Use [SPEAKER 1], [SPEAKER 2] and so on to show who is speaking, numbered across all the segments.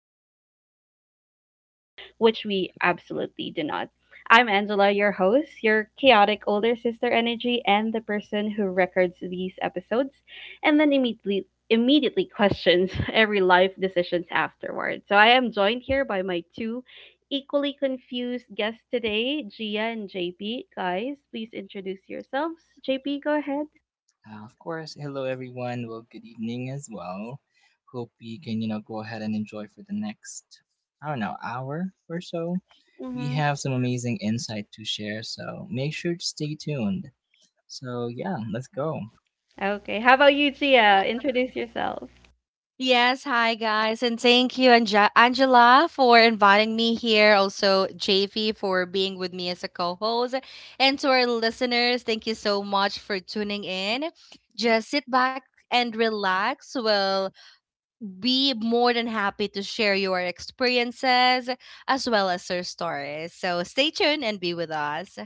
[SPEAKER 1] like we understand it, which we absolutely do not. I'm Angela, your host, your chaotic older sister energy, and the person who records these episodes and then immediately questions every life decisions afterward. So I am joined here by my two equally confused guests today, Gia and JP. Guys, please introduce yourselves. JP, go ahead.
[SPEAKER 2] Of course, hello everyone. Well, good evening as well. Hope we can, you know, go ahead and enjoy for the next, I don't know, hour or so. We have some amazing insight to share, so make sure to stay tuned. So, yeah, let's go.
[SPEAKER 1] Okay. How about you, Gia?
[SPEAKER 3] Yeah.
[SPEAKER 1] Introduce yourself.
[SPEAKER 3] Yes, hi guys, and thank you, Angela, for inviting me here. Also, JV for being with me as a co-host, and to our listeners, thank you so much for tuning in. Just sit back and relax. We'll be more than happy to share your experiences as well as your stories. So stay tuned and be with us.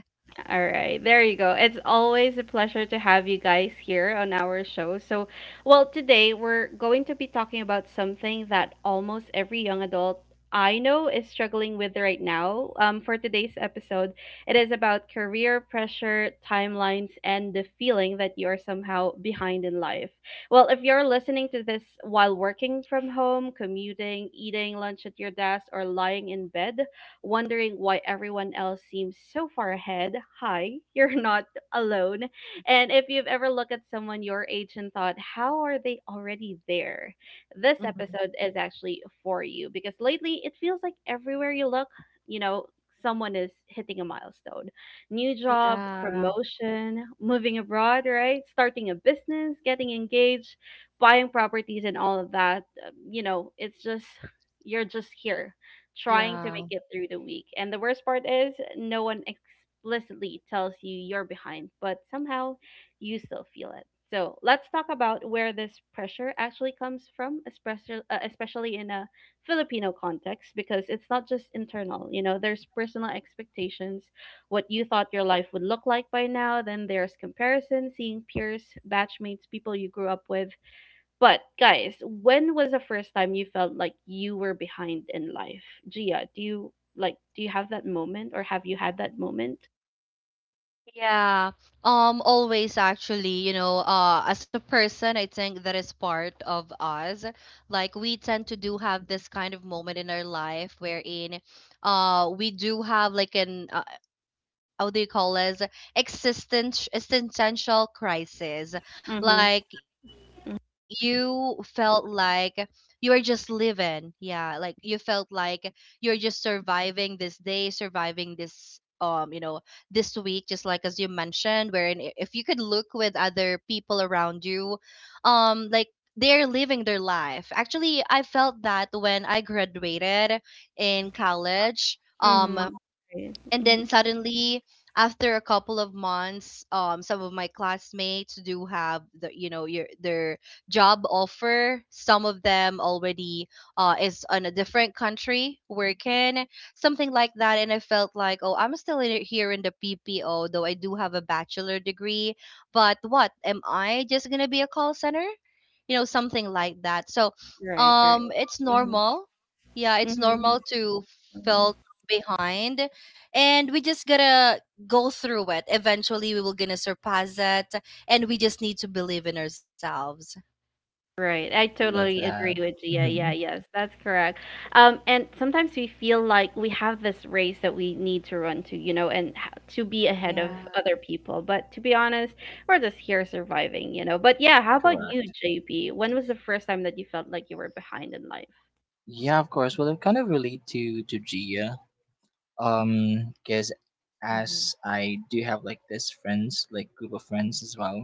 [SPEAKER 1] All right. There you go. It's always a pleasure to have you guys here on our show. So, well, today we're going to be talking about something that almost every young adult I know is struggling with right now. For today's episode, it is about career pressure, timelines, and the feeling that you are somehow behind in life. Well, if you're listening to this while working from home, commuting, eating lunch at your desk, or lying in bed, wondering why everyone else seems so far ahead. Hi, you're not alone. And if you've ever looked at someone your age and thought, how are they already there? This
[SPEAKER 3] Mhm.
[SPEAKER 1] episode is actually for you because lately it feels like everywhere you look, you know, someone is hitting a milestone new job,
[SPEAKER 3] Yeah,
[SPEAKER 1] promotion, moving abroad, right? Starting a business, getting engaged, buying properties, and all of that. You're just here trying to make
[SPEAKER 3] yeah.
[SPEAKER 1] it through the week. And the worst part is, no one explicitly tells you you're behind, but somehow you still feel it. So let's talk about where this pressure actually comes from, especially in a Filipino context, because it's not just internal. You know, there's personal expectations, what you thought your life would look like by now. Then there's comparison, seeing peers, batchmates, people you grew up with. But guys, when was the first time you felt like you were behind in life? Gia, do you have that moment or have you had that moment?
[SPEAKER 3] Yeah. Always actually, you know, as a person, I think that is part of us. Like we tend to do have this kind of moment in our life wherein we do have like an how do you call this existential crisis,
[SPEAKER 1] Mm-hmm.
[SPEAKER 3] like you felt like you are just living, yeah, like you felt like you're just surviving this day, surviving this you know, this week, just like as you mentioned, wherein if you could look with other people around you, like they're living their life. Actually I felt that when I graduated in college.
[SPEAKER 1] Mm-hmm.
[SPEAKER 3] um
[SPEAKER 1] Right.
[SPEAKER 3] and then suddenly, after a couple of months, some of my classmates do have the, you know, your, their job offer. Some of them already is on a different country working, something like that. And I felt like, oh, I'm still in, here in the ppo, though I do have a bachelor degree, but what am I, just gonna be a call center, you know, something like that. So
[SPEAKER 1] Right, right.
[SPEAKER 3] it's normal.
[SPEAKER 1] Mm-hmm.
[SPEAKER 3] Yeah, it's
[SPEAKER 1] Mm-hmm.
[SPEAKER 3] normal to felt behind, and we just gotta go through it. Eventually we will gonna surpass that, and we just need to believe in ourselves.
[SPEAKER 1] Right. I
[SPEAKER 2] Love
[SPEAKER 1] totally agree
[SPEAKER 2] that.
[SPEAKER 1] with Gia. Yeah, yeah,
[SPEAKER 2] Mhm.
[SPEAKER 1] yes, that's correct. And sometimes we feel like we have this race that we need to run to, you know, and to be ahead of
[SPEAKER 3] Yeah.
[SPEAKER 1] other people. But to be honest, we're just here surviving, you know. But yeah, how about you,
[SPEAKER 2] Correct.
[SPEAKER 1] JP? When was the first time that you felt like you were behind in life?
[SPEAKER 2] Yeah, of course. Well, it kind of relate to Gia because
[SPEAKER 3] Mm-hmm.
[SPEAKER 2] as I do have like this friends, like group of friends as well.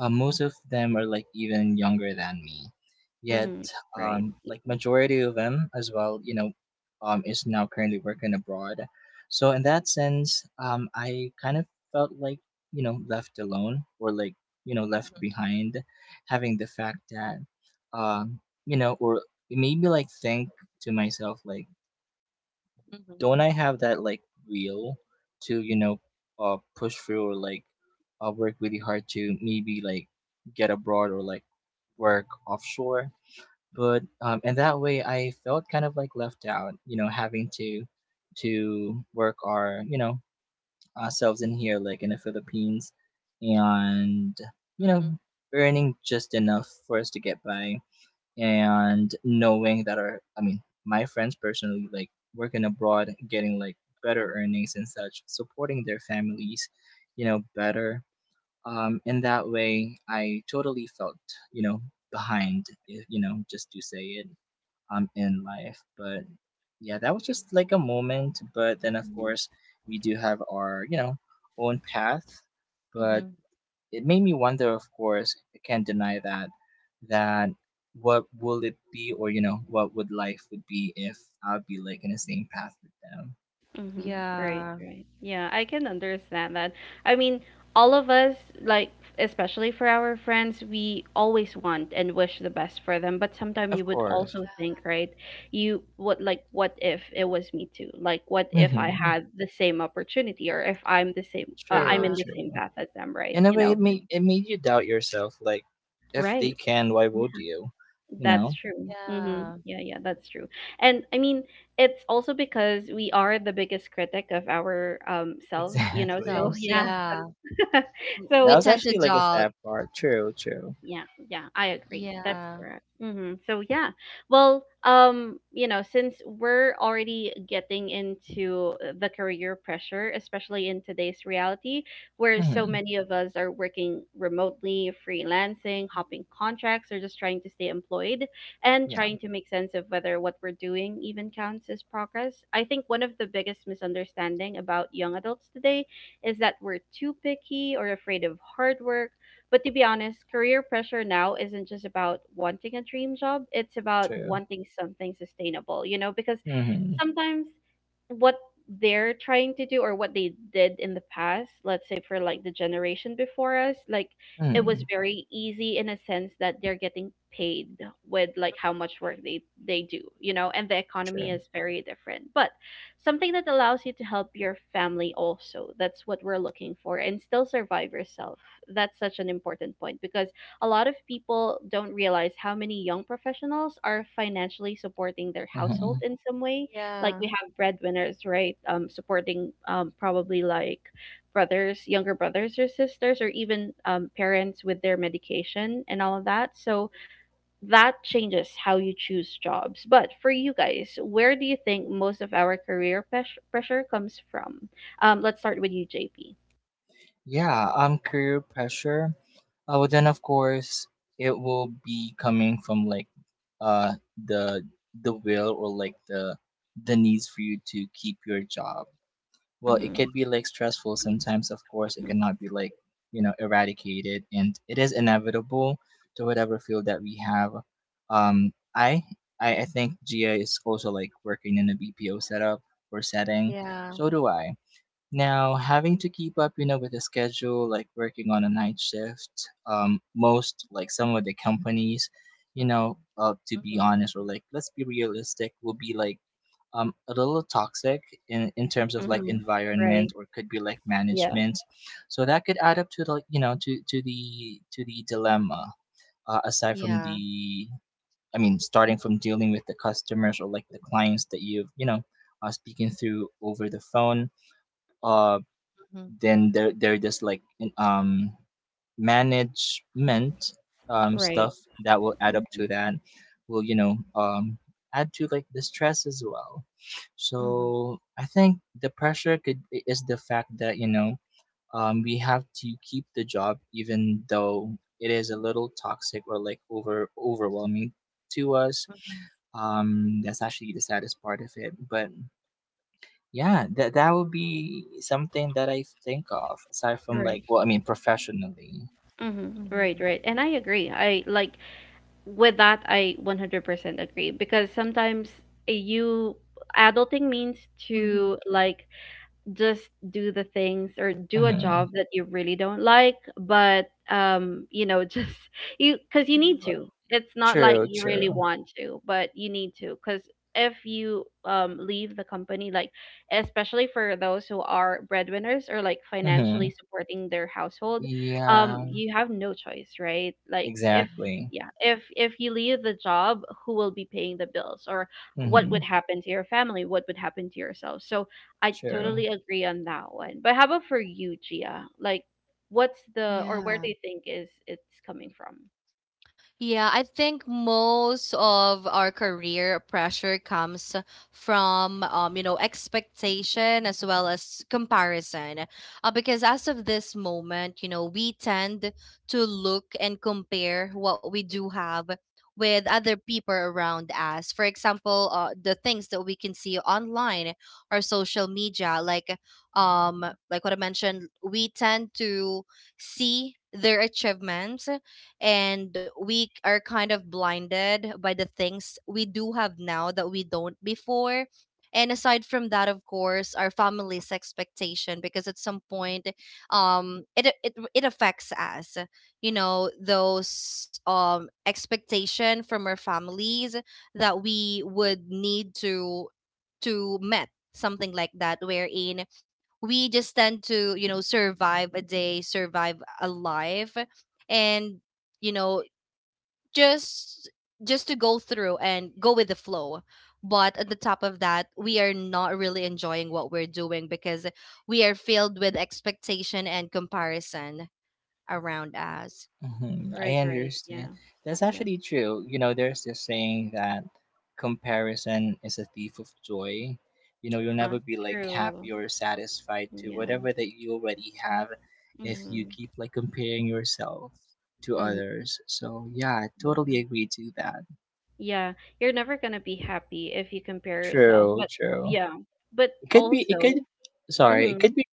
[SPEAKER 2] Most of them are like even younger than me, yet
[SPEAKER 1] Mm-hmm. Right.
[SPEAKER 2] like majority of them as well, you know, is now currently working abroad. So in that sense, I kind of felt like, you know, left alone, or like, you know, left behind, having the fact that um you know, or maybe like think to myself, like, don't I have that like will to, you know, push through, or like work really hard to maybe like get abroad, or like work offshore. But and that way I felt kind of like left out, you know, having to work our, you know, ourselves in here, like in the Philippines, and, you know,
[SPEAKER 3] Mm-hmm.
[SPEAKER 2] earning just enough for us to get by, and knowing that our, I mean, my friends personally, like working abroad, getting like better earnings and such, supporting their families, you know, better. In that way I totally felt, you know, behind, you know, just to say it, in life. But yeah, that was just like a moment, but then of course we do have our, you know, own path. But
[SPEAKER 3] Mm-hmm.
[SPEAKER 2] it made me wonder, of course, I can't deny that, that what will it be, or, you know, what would life would be if I'd be like in the same path with them.
[SPEAKER 1] Mm-hmm. Right,
[SPEAKER 3] Yeah.
[SPEAKER 1] right. Yeah, I can understand that. I mean, all of us, like, especially for our friends, we always want and wish the best for them. But sometimes
[SPEAKER 2] Of
[SPEAKER 1] you would
[SPEAKER 2] course.
[SPEAKER 1] also think, right? You what, like, what if it was me too? Like, what if I
[SPEAKER 2] Hmm.
[SPEAKER 1] had the same opportunity, or if I'm the I'm
[SPEAKER 2] True,
[SPEAKER 1] in
[SPEAKER 3] Yeah.
[SPEAKER 1] the same
[SPEAKER 2] true.
[SPEAKER 1] path as them, right?
[SPEAKER 2] In a
[SPEAKER 1] You
[SPEAKER 2] way
[SPEAKER 1] know?
[SPEAKER 2] it made, it made you doubt yourself, like, if they
[SPEAKER 1] Right.
[SPEAKER 2] can, why would you, you
[SPEAKER 1] That's
[SPEAKER 2] know.
[SPEAKER 1] true. Mm-hmm.
[SPEAKER 3] Yeah.
[SPEAKER 1] Yeah, yeah, that's true. And I mean, it's also because we are the biggest critic of our selves, you know. So
[SPEAKER 2] exactly.
[SPEAKER 3] Selves.
[SPEAKER 1] yeah.
[SPEAKER 3] Yeah.
[SPEAKER 2] That
[SPEAKER 3] We
[SPEAKER 1] So
[SPEAKER 2] was
[SPEAKER 3] tend to
[SPEAKER 2] actually like a
[SPEAKER 3] doubt.
[SPEAKER 2] sad part. True, true.
[SPEAKER 1] yeah, yeah, I agree. That's
[SPEAKER 3] Yeah.
[SPEAKER 1] correct. So yeah, well, since we're already getting into the career pressure, especially in today's reality, where so
[SPEAKER 2] Hmm.
[SPEAKER 1] many of us are working remotely, freelancing, hopping contracts, or just trying to stay employed and
[SPEAKER 2] Yeah.
[SPEAKER 1] trying to make sense of whether what we're doing even counts as progress. I think one of the biggest misunderstanding about young adults today is that we're too picky or afraid of hard work, but to be honest, career pressure now isn't just about wanting a dream job, it's about
[SPEAKER 2] True.
[SPEAKER 1] wanting something sustainable, you know, because
[SPEAKER 2] Hmm.
[SPEAKER 1] sometimes what they're trying to do or what they did in the past, let's say for like the generation before us, like it was
[SPEAKER 2] Hmm.
[SPEAKER 1] very easy in a sense that they're getting paid with like how much work they do, you know, and the economy
[SPEAKER 2] True.
[SPEAKER 1] is very different. But something that allows you to help your family also. That's what we're looking for and still survive yourself. That's such an important point because a lot of people don't realize how many young professionals are financially supporting their household
[SPEAKER 2] Hmm.
[SPEAKER 1] in some way. Like
[SPEAKER 3] Yeah.
[SPEAKER 1] we have breadwinners, right? Supporting probably like brothers, younger brothers or sisters, or even parents with their medication and all of that. So that changes how you choose jobs. But for you guys, where do you think most of our pressure comes from? Let's start with you, JP.
[SPEAKER 2] Yeah, career pressure. Well, then of course it will be coming from like uh the the will, or like the needs for you to keep your job. Well, it
[SPEAKER 1] Mm-hmm.
[SPEAKER 2] could be like stressful sometimes, of course. It cannot be like, you know, eradicated, and it is inevitable to whatever field that we have. um i I think Gia is also like working in a BPO setup or setting,
[SPEAKER 3] Yeah.
[SPEAKER 2] so do I. Now, having to keep up, you know, with the schedule, like working on a night shift, most like some of the companies, you know, to be
[SPEAKER 3] Mm-hmm.
[SPEAKER 2] honest, or like let's be realistic, will be like a little toxic in terms of like
[SPEAKER 1] Mhm.
[SPEAKER 2] environment,
[SPEAKER 1] Right.
[SPEAKER 2] or could be like
[SPEAKER 1] Yeah.
[SPEAKER 2] management, so that could add up to the, you know, to the to the dilemma. Aside from
[SPEAKER 3] Yeah.
[SPEAKER 2] the, I mean, starting from dealing with the customers, or like the clients that you've, you know, speaking through over the phone. Um
[SPEAKER 3] Mm-hmm.
[SPEAKER 2] then there, just like management
[SPEAKER 1] Right.
[SPEAKER 2] stuff that will add up
[SPEAKER 1] Mhm.
[SPEAKER 2] to that, will, you know, add to like the stress as well.
[SPEAKER 3] Mm-hmm.
[SPEAKER 2] So I think the pressure could, is the fact that, you know, we have to keep the job, even though it is a little toxic or like overwhelming to us.
[SPEAKER 3] Mm-hmm.
[SPEAKER 2] That's actually the saddest part of it. But yeah, that that would be something that I think of, aside from, like,
[SPEAKER 1] Right.
[SPEAKER 2] well, I mean, professionally.
[SPEAKER 1] Mhm. Right,
[SPEAKER 3] Mm-hmm.
[SPEAKER 1] right. And I agree. I like with that I 100% agree because sometimes you adulting means
[SPEAKER 3] Hmm. Mhm,
[SPEAKER 1] to like just do the things or do a
[SPEAKER 2] Mm-hmm.
[SPEAKER 1] job that you really don't like, but you know, just, you,
[SPEAKER 3] mhm. Yeah. mm hmm mm hmm
[SPEAKER 1] because you
[SPEAKER 3] mm hmm mm hmm
[SPEAKER 1] need
[SPEAKER 3] hmm
[SPEAKER 1] to, it's not like
[SPEAKER 2] True,
[SPEAKER 1] you really
[SPEAKER 2] true.
[SPEAKER 1] want to, but you need to because if you leave the company, like, especially for those who are breadwinners or like
[SPEAKER 2] Mm-hmm.
[SPEAKER 1] financially supporting their household,
[SPEAKER 2] Yeah,
[SPEAKER 3] hmm
[SPEAKER 1] you have no choice, right? Like, if
[SPEAKER 2] exactly.
[SPEAKER 1] yeah, if you leave the job, who will be paying the bills, or what
[SPEAKER 2] Mm-hmm.
[SPEAKER 1] would happen to your family, what would happen to yourself? So I
[SPEAKER 2] True.
[SPEAKER 1] totally agree on that one. But how about for you, Gia? Like, what's the, or where do
[SPEAKER 3] yeah
[SPEAKER 1] you think is it's coming from?
[SPEAKER 3] Yeah, I think most of our career pressure comes from, you know, expectation as well as comparison. Because as of this moment, you know, we tend to look and compare what we do have with other people around us. For example, the things that we can see online or social media, like, like what I mentioned, we tend to see their achievements, and we are kind of blinded by the things we do have now that we don't before. And aside from that, of course, our family's expectation, because at some point, it affects us, you know, those expectation from our families, that we would need to met something like that, wherein we just tend to, you know, survive a day, survive a life, and you know, just just to go through and go with the flow. But at the top of that, we are not really enjoying what we're doing, because we are filled with expectation and comparison around us.
[SPEAKER 2] Mhm, I
[SPEAKER 1] Right, right, yeah,
[SPEAKER 2] understand. That's
[SPEAKER 1] yeah.
[SPEAKER 2] actually true. You know, there's this saying that comparison is a thief of joy. You know, you'll
[SPEAKER 1] Uh,
[SPEAKER 2] never be like
[SPEAKER 1] true.
[SPEAKER 2] happy or satisfied to
[SPEAKER 1] Yeah.
[SPEAKER 2] whatever that you already have if you
[SPEAKER 1] Mm-hmm.
[SPEAKER 2] keep like comparing yourself to
[SPEAKER 1] Mm-hmm.
[SPEAKER 2] others. So yeah, I
[SPEAKER 1] Yeah,
[SPEAKER 2] totally agree to that.
[SPEAKER 1] yeah, you're never gonna be happy if you compare yourself.
[SPEAKER 2] True,
[SPEAKER 1] But
[SPEAKER 2] true.
[SPEAKER 1] yeah, but
[SPEAKER 2] It could be it
[SPEAKER 1] also,
[SPEAKER 2] could sorry, it
[SPEAKER 1] mm-hmm.
[SPEAKER 2] could be,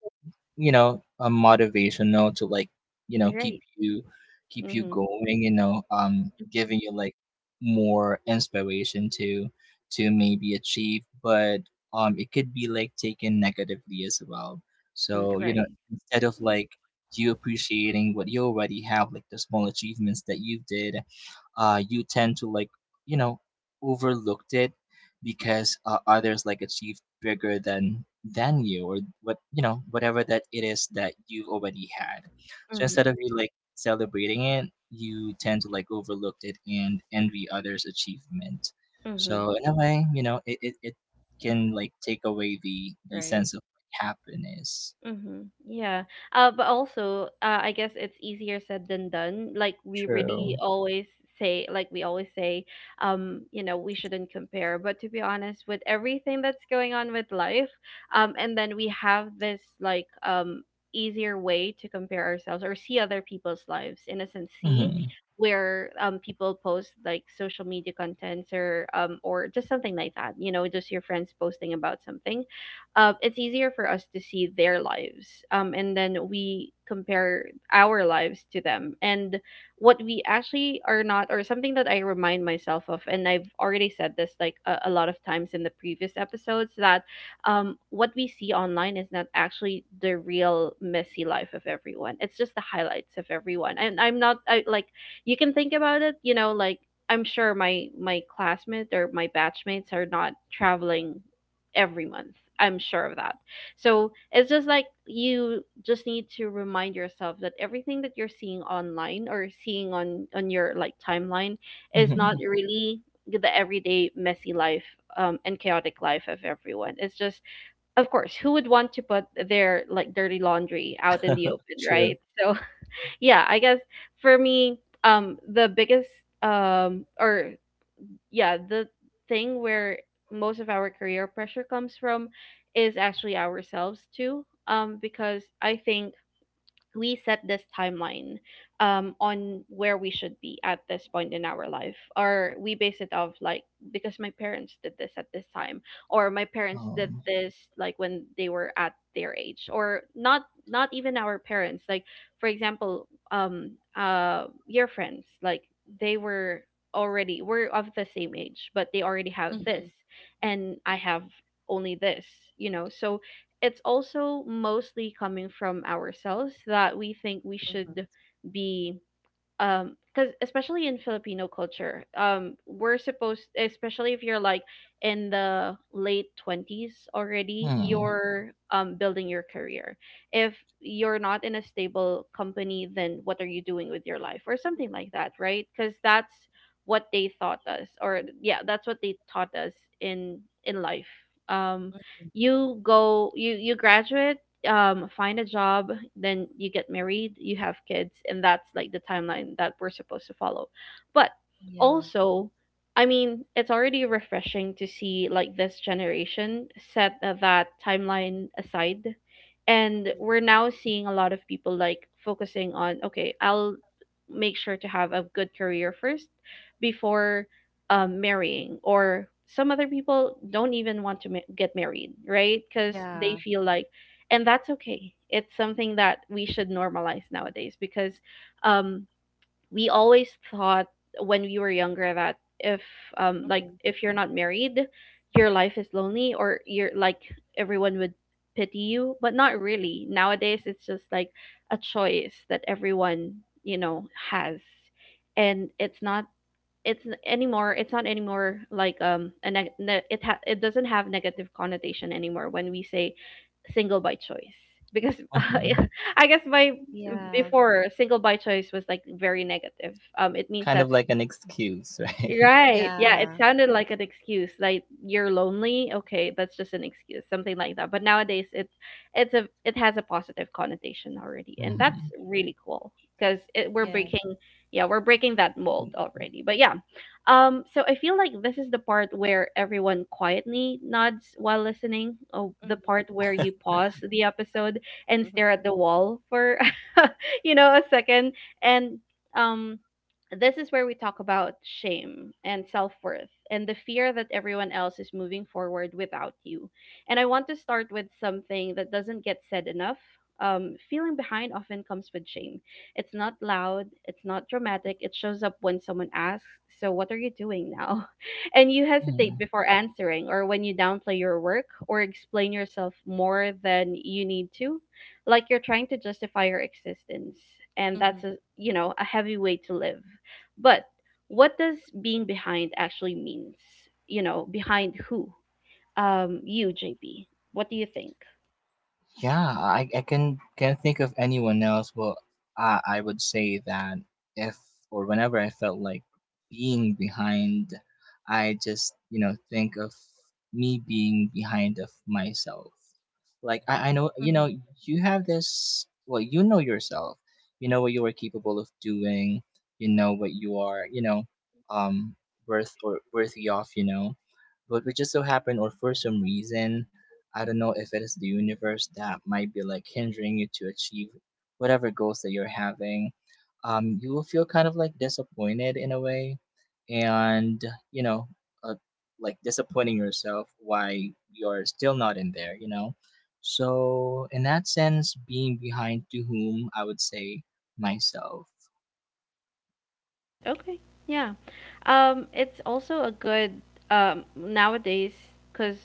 [SPEAKER 2] you know, a motivational to like, you know, keep
[SPEAKER 1] Right.
[SPEAKER 2] you, keep you
[SPEAKER 1] Mhm.
[SPEAKER 2] going, you know, giving you like more inspiration to maybe achieve. But it could be like taken negatively as well,
[SPEAKER 1] Mm,
[SPEAKER 2] so you know,
[SPEAKER 1] right.
[SPEAKER 2] instead of
[SPEAKER 1] Mm,
[SPEAKER 2] like you appreciating what you already have, like the small achievements that you did, you tend to like, you know, overlooked it, because others like achieved bigger than you, or what, you know, whatever that it is that you've already had. So instead
[SPEAKER 1] mhm.
[SPEAKER 2] of you like celebrating it, you tend to like overlook it and envy others achievement.
[SPEAKER 1] Mhm.
[SPEAKER 2] So in a way, you know, it can like take away the
[SPEAKER 1] Right.
[SPEAKER 2] sense of happiness.
[SPEAKER 1] Mm-hmm. Yeah. But also, I guess it's easier said than done. Like, we really
[SPEAKER 2] True.
[SPEAKER 1] always say, you know, we shouldn't compare. But to be honest, with everything that's going on with life, and then we have this easier way to compare ourselves or see other people's lives. In a sense, see
[SPEAKER 2] Mm-hmm.
[SPEAKER 1] where people post like social media contents or just something like that. You know, just your friends posting about something. It's easier for us to see their lives, and then we compare our lives to them and what we actually are not. Or something that I remind myself of, and I've already said this like a lot of times in the previous episodes, that what we see online is not actually the real messy life of everyone. It's just the highlights of everyone. And I'm not I, like you can think about it, you know, like, I'm sure my classmates or my batchmates are not traveling every month. I'm sure of that. So it's just like, you just need to remind yourself that everything that you're seeing online or seeing on your like timeline is
[SPEAKER 2] Mm-hmm.
[SPEAKER 1] not really the everyday messy life and chaotic life of everyone. It's just, of course, who would want to put their like dirty laundry out in the open,
[SPEAKER 2] True.
[SPEAKER 1] right? So yeah, I guess for me, the biggest or yeah, the thing where most of our career pressure comes from is actually ourselves too. Because I think we set this timeline, on where we should be at this point in our life, or we base it off like because my parents did this at this time, or my parents did
[SPEAKER 2] um,
[SPEAKER 1] this like when they were at their age. Or not, not even our parents, like, for example, your friends, like, they were already were of the same age, but they already have this
[SPEAKER 3] Mm-hmm.
[SPEAKER 1] and I have only this, you know? So it's also mostly coming from ourselves that we think we
[SPEAKER 3] Hmm.
[SPEAKER 1] should be. Because especially in Filipino culture, we're supposed, especially if you're like in the late twenties already,
[SPEAKER 2] hmm.
[SPEAKER 1] you're building your career. If you're not in a stable company, then what are you doing with your life, or something like that, right? Because that's what they taught us. Or yeah, that's what they taught us in in life. um you go, you graduate, find a job, then you get married, you have kids, and that's like the timeline that we're supposed to follow. But
[SPEAKER 3] Yeah.
[SPEAKER 1] also, I mean, it's already refreshing to see like this generation set that timeline aside, and we're now seeing a lot of people like focusing on, okay, I'll make sure to have a good career first before marrying. Or some other people don't even want to get married, right? Because they
[SPEAKER 3] Yeah.
[SPEAKER 1] feel like, and that's okay. It's something that we should normalize nowadays, because um, we always thought when we were younger that if like
[SPEAKER 3] Hmm.
[SPEAKER 1] if you're not married, your life is lonely, or you're like everyone would pity you, but not really. Nowadays, it's just like a choice that everyone you know has, and it's not anymore like it doesn't have negative connotation anymore when we say single by choice because
[SPEAKER 2] Mm-hmm.
[SPEAKER 1] I guess my
[SPEAKER 3] Yeah.
[SPEAKER 1] before single by choice was like very negative, it means
[SPEAKER 2] Kind
[SPEAKER 1] that.
[SPEAKER 2] of like an excuse, right?
[SPEAKER 1] Right. Yeah, it
[SPEAKER 3] Yeah.
[SPEAKER 1] sounded like an excuse. Like you're lonely. Okay, that's just an excuse, something like that. But nowadays, it has a positive connotation already. And that's
[SPEAKER 2] Mhm.
[SPEAKER 1] really cool because it we're
[SPEAKER 3] Yes.
[SPEAKER 1] breaking yeah, we're breaking that mold
[SPEAKER 2] Mm,
[SPEAKER 1] already. But yeah. So I feel like this is the part where everyone quietly nods while listening. Oh, the
[SPEAKER 3] Hmm.
[SPEAKER 1] part where you pause the episode and stare at the wall for a second, and um this is where we talk about shame and self worth and the fear that everyone else is moving forward without you. And I want to start with something that doesn't get said enough. Feeling behind often comes with shame. It's not loud, it's not dramatic, it shows up when someone asks, "So, what are you doing now?" And you hesitate
[SPEAKER 2] mm.
[SPEAKER 1] before answering, or when you downplay your work or explain yourself more than you need to, like you're trying to justify your existence. And that's a
[SPEAKER 3] Hmm.
[SPEAKER 1] you know a heavy way to live. But what does being behind actually means? You know, behind who? You, JP. What do you think?
[SPEAKER 2] Yeah, I can can't think of anyone else. Well, I would say that if, or whenever I felt like being behind, I just, you know, think of me being behind of myself. Like I know, you
[SPEAKER 3] Hmm.
[SPEAKER 2] know, you have this. Well, you know yourself. You know what you are capable of doing. You know what you are, you know, um, worth or worthy of. You know, but it just so happened, or for some reason, I don't know if it is the universe that might be like hindering you to achieve whatever goals that you're having. You will feel kind of like disappointed in a way, and, you know, uh, like disappointing yourself why you're still not in there, you know. So, in that sense, being behind to whom, I would say myself.
[SPEAKER 1] Okay. Yeah. It's also a good, nowadays, because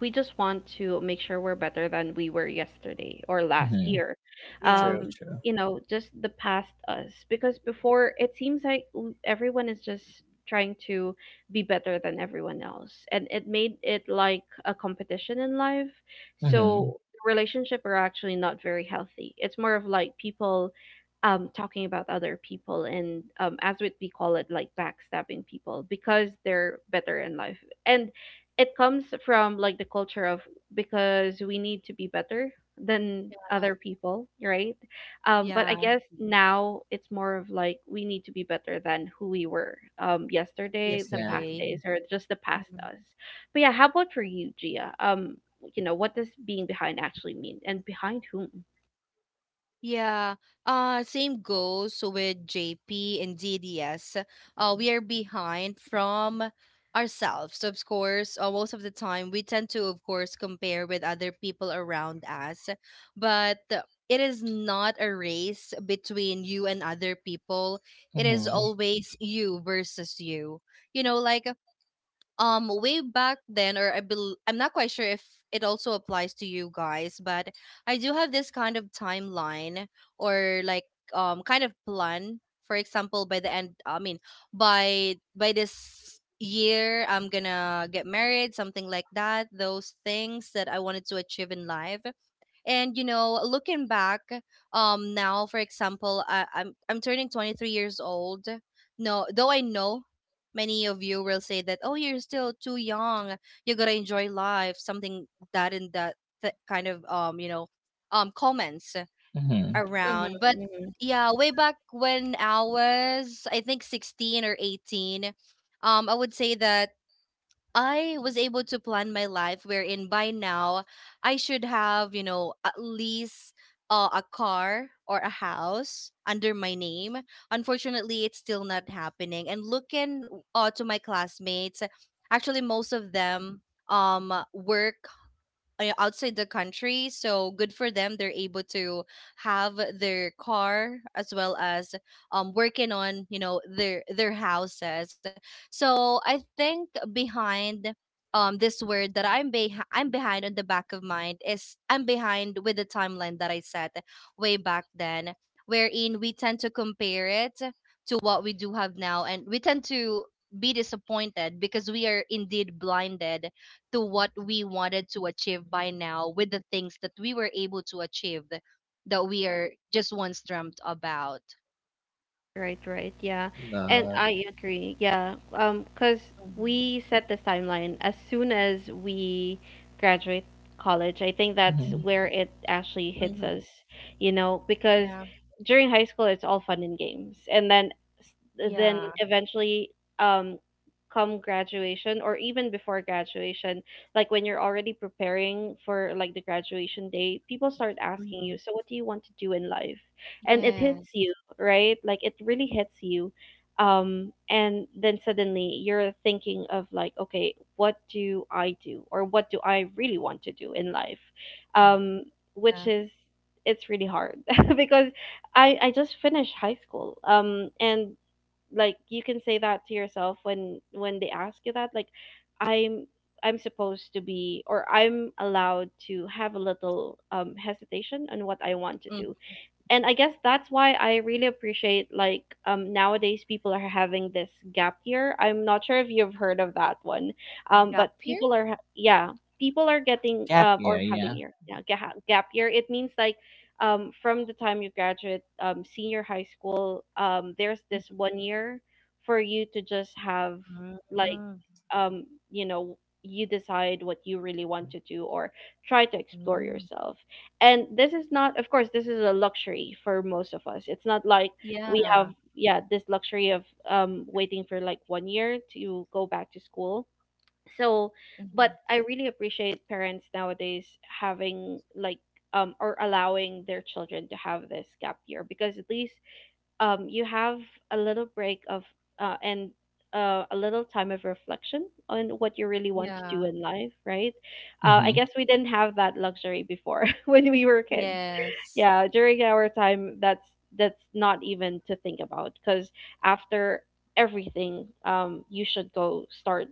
[SPEAKER 1] we just want to make sure we're better than we were yesterday or last
[SPEAKER 2] Mm-hmm.
[SPEAKER 1] year.
[SPEAKER 3] Yeah.
[SPEAKER 2] True,
[SPEAKER 1] Um,
[SPEAKER 2] true.
[SPEAKER 1] just the past us, because before it seems like, everyone is just trying to be better than everyone else, and it made it like a competition in life. So
[SPEAKER 2] Mm-hmm.
[SPEAKER 1] relationship are actually not very healthy. It's more of like people, talking about other people, and, as what we call it, like backstabbing people because they're better in life, and it comes from like the culture of, because we need to be better than other people, right? But
[SPEAKER 3] Yeah.
[SPEAKER 1] I guess now it's more of like we need to be better than who we were, yesterday, the past
[SPEAKER 2] Exactly.
[SPEAKER 3] Yesterday.
[SPEAKER 1] days, or just the past
[SPEAKER 3] Mm-hmm.
[SPEAKER 1] us. But yeah, how about for you, Gia? What does being behind actually mean, and behind whom?
[SPEAKER 3] Yeah, same goes with JP and DDS. We are behind from ourselves. So, of course, most of the time we tend to, of course, compare with other people around us, but it is not a race between you and other people. It is
[SPEAKER 2] Mm-hmm.
[SPEAKER 3] always you versus you. You know, like, way back then, or I'm not quite sure if it also applies to you guys, but I do have this kind of timeline, or like kind of plan. For example, by the end, I mean by this year I'm gonna get married, something like that, those things that I wanted to achieve in life. And you know, looking back, now for example, I'm turning 23 years old, no, though I know many of you will say that, oh, you're still too young, you gotta enjoy life, something that and that, kind of you know comments
[SPEAKER 2] Mm-hmm.
[SPEAKER 3] around. But
[SPEAKER 1] Hmm.
[SPEAKER 3] yeah, way back when I was, I think, 16 or 18, I would say that I was able to plan my life, wherein by now I should have, you know, at least a car or a house under my name. Unfortunately, it's still not happening. And looking to my classmates, actually, most of them work outside the country, so good for them, they're able to have their car as well as working on, you know, their houses. So I think behind, this word that I'm behind on the back of mind, is I'm behind with the timeline that I set way back then, wherein we tend to compare it to what we do have now, and we tend to be disappointed because we are indeed blinded to what we wanted to achieve by now, with the things that we were able to achieve that we are just once dreamt about.
[SPEAKER 1] Right, right. Yeah. And
[SPEAKER 2] Love.
[SPEAKER 1] I agree. Yeah. 'Cause
[SPEAKER 3] Mm-hmm.
[SPEAKER 1] we set this timeline as soon as we graduate college. I think that's
[SPEAKER 2] Mm-hmm.
[SPEAKER 1] where it actually hits
[SPEAKER 3] Mm-hmm.
[SPEAKER 1] us, because
[SPEAKER 3] Yeah.
[SPEAKER 1] during high school it's all fun and games. And then, then
[SPEAKER 3] Yeah.
[SPEAKER 1] eventually, um come graduation, or even before graduation, like when you're already preparing for like the graduation day, people start asking
[SPEAKER 3] Mm-hmm.
[SPEAKER 1] you, "So what do you want to do in life?" And it hits
[SPEAKER 3] Yes.
[SPEAKER 1] you, right? Like it really hits you. And then suddenly you're thinking of like, okay, what do I do, or what do I really want to do in life? Um, which
[SPEAKER 3] Yeah.
[SPEAKER 1] is it's really hard, because I just finished high school. And like, you can say that to yourself when, they ask you that, like, I'm I'm supposed to be, or I'm allowed to have a little, hesitation on what I want to
[SPEAKER 3] Mm.
[SPEAKER 1] do. And I guess that's why I really appreciate, like, nowadays people are having this gap year. I'm not sure if you've heard of that one,
[SPEAKER 3] Gap
[SPEAKER 1] but
[SPEAKER 3] here.
[SPEAKER 1] people are, yeah, people are getting,
[SPEAKER 2] Gap
[SPEAKER 1] or
[SPEAKER 2] year,
[SPEAKER 1] having
[SPEAKER 2] yeah.
[SPEAKER 1] year yeah, gap year. It means like, from the time you graduate, senior high school, there's this one year for you to just have,
[SPEAKER 3] Mm-hmm.
[SPEAKER 1] like, um you know you decide what you really want to do, or try to explore
[SPEAKER 3] Mm-hmm.
[SPEAKER 1] yourself. And this is not, of course. This is a luxury for most of us. It's not like we
[SPEAKER 3] Yeah.
[SPEAKER 1] have, yeah, this luxury of, waiting for like one year to go back to school. So,
[SPEAKER 3] Hmm.
[SPEAKER 1] but I really appreciate parents nowadays having like, or allowing their children to have this gap year, because at least, you have a little break of and a little time of reflection on what you really want to
[SPEAKER 3] Yeah.
[SPEAKER 1] do in life, right?
[SPEAKER 2] Mm-hmm.
[SPEAKER 1] I guess we didn't have that luxury before when we were kids.
[SPEAKER 3] Yes.
[SPEAKER 1] Yeah, during our time, that's, not even to think about, because after everything, you should go start,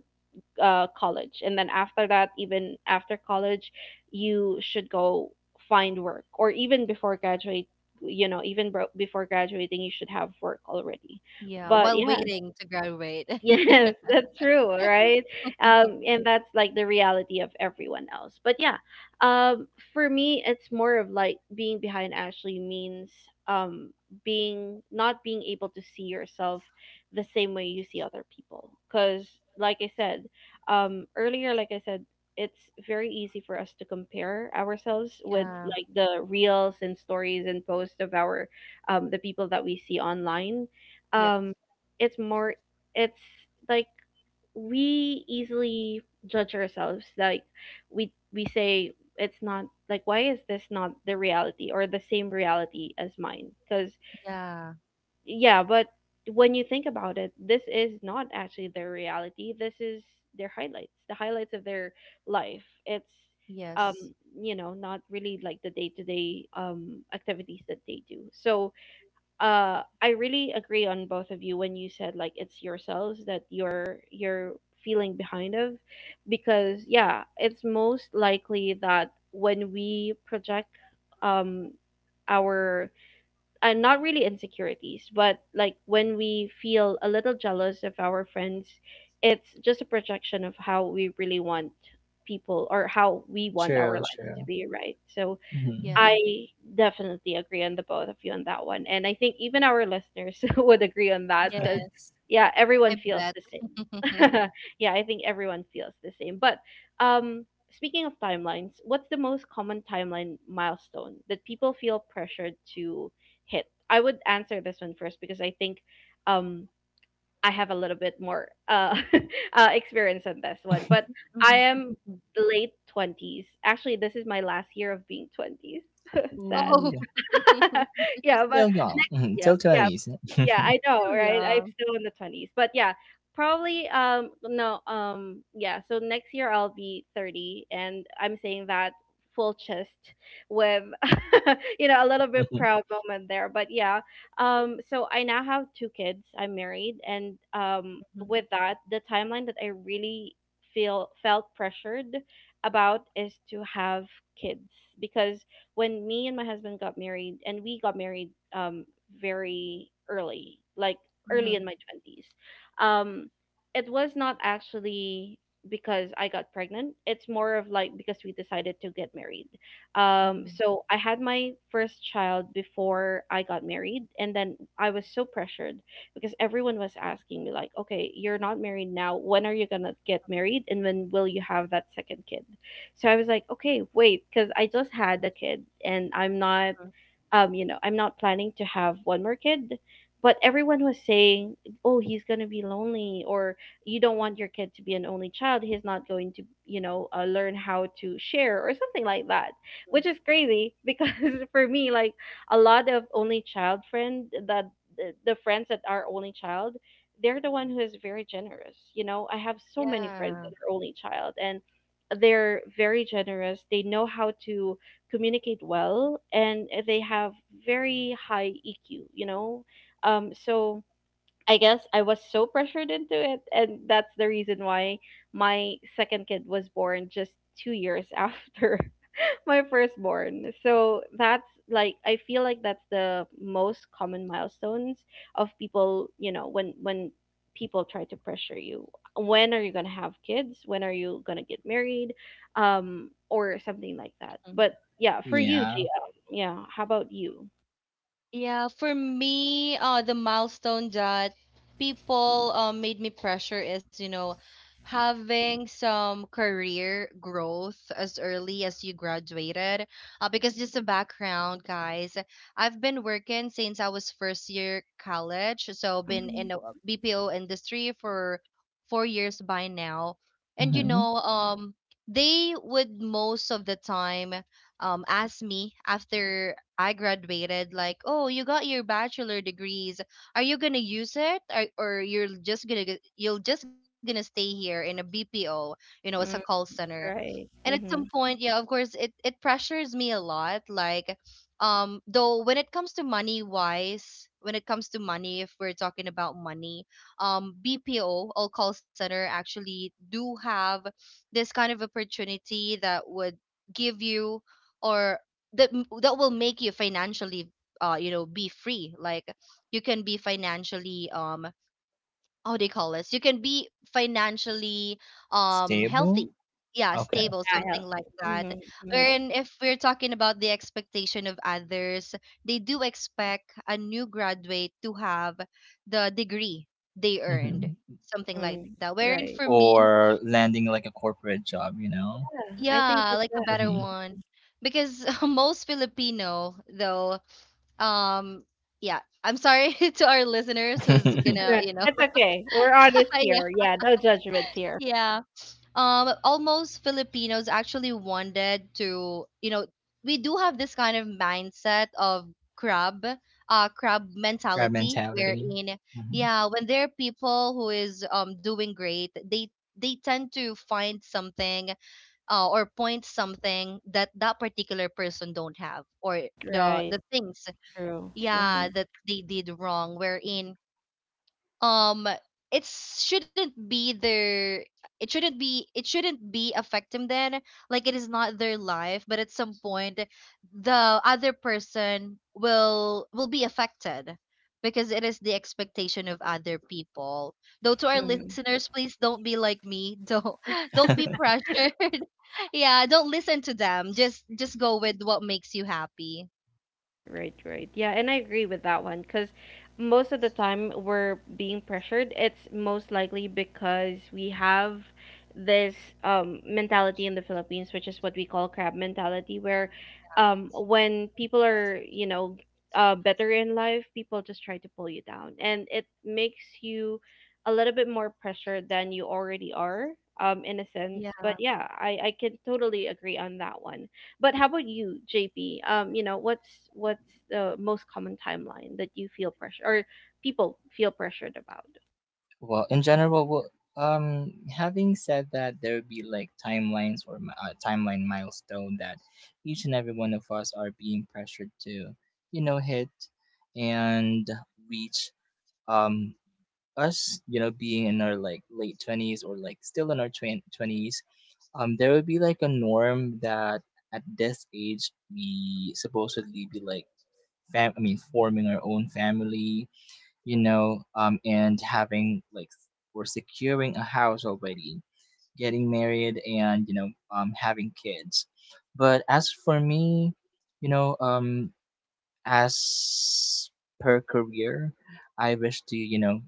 [SPEAKER 1] college, and then after that, even after college, you should go find work, or even before graduate, before graduating, you should have work already.
[SPEAKER 3] Yeah,
[SPEAKER 1] But
[SPEAKER 3] while
[SPEAKER 1] yeah.
[SPEAKER 3] waiting to graduate.
[SPEAKER 1] Yes, that's true, right? And that's like the reality of everyone else. But yeah, um, for me, it's more of like being behind Ashley means, um, being not being able to see yourself the same way you see other people. Because, like I said, earlier, it's very easy for us to compare ourselves with
[SPEAKER 3] Yeah.
[SPEAKER 1] like the reels and stories and posts of our, the people that we see online.
[SPEAKER 3] Yep.
[SPEAKER 1] Um, it's more it's like we easily judge ourselves like, we say, it's not like, why is this not the reality, or the same reality as mine? Because,
[SPEAKER 3] Yeah.
[SPEAKER 1] yeah, but when you think about it, this is not actually their reality. This is the highlights of their life. It's, um
[SPEAKER 3] Yes.
[SPEAKER 1] not really like the day-to-day, activities that they do. So, I really agree on both of you when you said like, it's yourselves that you're feeling behind of, because, yeah, it's most likely that when we project, um our, and not really insecurities, but like when we feel a little jealous of our friends, it's just a projection of how we really want people, or how we want our
[SPEAKER 2] True,
[SPEAKER 1] lives to
[SPEAKER 2] true.
[SPEAKER 1] be, right? So
[SPEAKER 2] Mhm.
[SPEAKER 3] Yeah.
[SPEAKER 1] I definitely agree on the both of you on that one. And I think even our listeners would agree on that because,
[SPEAKER 3] Yes.
[SPEAKER 1] yeah, everyone
[SPEAKER 3] I
[SPEAKER 1] feels
[SPEAKER 3] bet.
[SPEAKER 1] the same. Yeah, I think everyone feels the same. But, um, speaking of timelines, what's the most common timeline milestone that people feel pressured to hit? I would answer this one first because I think, um, I have a little bit more, experience on this one. But I
[SPEAKER 3] Mhm.
[SPEAKER 1] am late 20s. Actually, this is my last year of being 20s. Sad.
[SPEAKER 3] Oh.
[SPEAKER 2] Ooh,
[SPEAKER 1] Yeah,
[SPEAKER 2] still young. Mhm,
[SPEAKER 1] yeah,
[SPEAKER 2] till
[SPEAKER 1] yeah,
[SPEAKER 2] 20s.
[SPEAKER 1] yeah.
[SPEAKER 2] Mhm.
[SPEAKER 1] I know,
[SPEAKER 3] Still
[SPEAKER 1] right? I'm
[SPEAKER 3] young.
[SPEAKER 1] still in the 20s, but yeah, probably. No. Yeah. So next year I'll be 30, and I'm saying that full chest with a little bit proud moment there. But yeah. So I now have two kids. I'm married, and,
[SPEAKER 3] Mhm,
[SPEAKER 1] with that, the timeline that I really feel felt pressured about is to have kids, because when me and my husband got married, and we got married, very early, like early
[SPEAKER 3] mhm,
[SPEAKER 1] in my 20s. It was not actually because I got pregnant. It's more of like because we decided to get married. Um
[SPEAKER 3] mhm.
[SPEAKER 1] so I had my first child before I got married, and then I was so pressured because everyone was asking me like, "Okay, you're not married now. When are you going to get married, and when will you have that second kid?" So I was like, okay, wait, because I just had a kid, and I'm not planning to have one more kid. But everyone was saying, oh, he's going to be lonely, or you don't want your kid to be an only child, he's not going to, learn how to share, or something like that. Which is crazy, because for me, like, a lot of only child friend that the friends that are only child, they're the one who is very generous. I have so many friends
[SPEAKER 3] Yeah.
[SPEAKER 1] that are only child, and they're very generous. They know how to communicate well, and they have very high EQ, you know? So I guess I was so pressured into it, and that's the reason why my second kid was born just 2 years after my firstborn. So that's, like, I feel like that's the most common milestones of people, when, people try to pressure you. When are you gonna have kids? When are you gonna get married? Or something like that. But yeah, for you,
[SPEAKER 2] Yeah.
[SPEAKER 1] GL. Yeah, how about you?
[SPEAKER 3] Yeah, for me, the milestone that people made me pressure is, you know, having some career growth as early as you graduated. Because just a background, guys, I've been working since I was first year college, so been in
[SPEAKER 1] Mm-hmm.
[SPEAKER 3] the BPO industry for 4 years by now. And you
[SPEAKER 2] Hmm.
[SPEAKER 3] know, they would most of the time ask me after I graduated, like, oh, you got your bachelor degrees. Are you gonna use it, or you're just gonna you're just gonna stay here in a BPO, you know, as a call
[SPEAKER 1] Mm,
[SPEAKER 3] center? And
[SPEAKER 1] right.
[SPEAKER 3] at some
[SPEAKER 1] Mm-hmm.
[SPEAKER 3] point, yeah, of course it it pressures me a lot, like though when it comes to money wise, when it comes to money, if we're talking about money, bpo all call center actually do have this kind of opportunity that would give you or that that will make you financially you know be free, like you can be financially how do you call this? You can be financially healthy.
[SPEAKER 2] Stable?
[SPEAKER 3] Yeah,
[SPEAKER 2] Okay.
[SPEAKER 3] stable,
[SPEAKER 1] Yeah,
[SPEAKER 3] something like
[SPEAKER 1] healthy.
[SPEAKER 3] that.
[SPEAKER 1] Mm-hmm. Mm-hmm.
[SPEAKER 3] And if we're talking about the expectation of others, they do expect a new graduate to have the degree they earned,
[SPEAKER 2] Hmm.
[SPEAKER 3] something like
[SPEAKER 1] Mm,
[SPEAKER 3] that. Wherein for
[SPEAKER 1] right.
[SPEAKER 3] me,
[SPEAKER 2] Or landing like a corporate job, you know?
[SPEAKER 1] Yeah, I think
[SPEAKER 3] yeah,
[SPEAKER 1] that's
[SPEAKER 3] like a
[SPEAKER 1] that.
[SPEAKER 3] better
[SPEAKER 2] Hmm.
[SPEAKER 3] one. Because most Filipino, though, um, yeah, I'm sorry to our listeners who's gonna, you know,
[SPEAKER 1] That's okay. We're honest
[SPEAKER 3] yeah,
[SPEAKER 1] here. Yeah, no judgments here.
[SPEAKER 3] yeah, almost Filipinos actually wanted to, you know, we do have this kind of mindset of crab, crab
[SPEAKER 2] Crab
[SPEAKER 3] mentality,
[SPEAKER 2] mentality.
[SPEAKER 3] wherein
[SPEAKER 2] Hmm.
[SPEAKER 3] yeah, when there are people who is doing great, they tend to find something, or point something that that particular person don't have, or
[SPEAKER 1] Right.
[SPEAKER 3] the things,
[SPEAKER 1] True. Mm-hmm.
[SPEAKER 3] yeah, that they did wrong, wherein um it shouldn't be their, it shouldn't be affecting them, like it is not their life, but at some point the other person will be affected, because it is the expectation of other people. Though to our
[SPEAKER 1] Mm-hmm.
[SPEAKER 3] listeners, please don't be like me, don't be pressured. Yeah, don't listen to them, just go with what makes you happy.
[SPEAKER 1] Right, right. Yeah, and I agree with that one, because most of the time we're being pressured. It's most likely because we have this, mentality in the Philippines, which is what we call crab mentality, where, when people are, better in life, people just try to pull you down. And it makes you a little bit more pressured than you already are, in a sense.
[SPEAKER 3] Yeah,
[SPEAKER 1] But yeah, I can totally agree on that one. But how about you, JP? What's the most common timeline that you feel pressure or people feel pressured about?
[SPEAKER 2] Well, in general, well, having said that, there would be like timelines or timeline milestone that each and every one of us are being pressured to, you know, hit and reach. um Us, you know, being in our like late 20s, or like still in our 20s, there would be like a norm that at this age we supposedly be like I mean, forming our own family, you know, and having like or securing a house already, getting married, and, you know, having kids. But as for me, you know, as per career, I wish to, you know,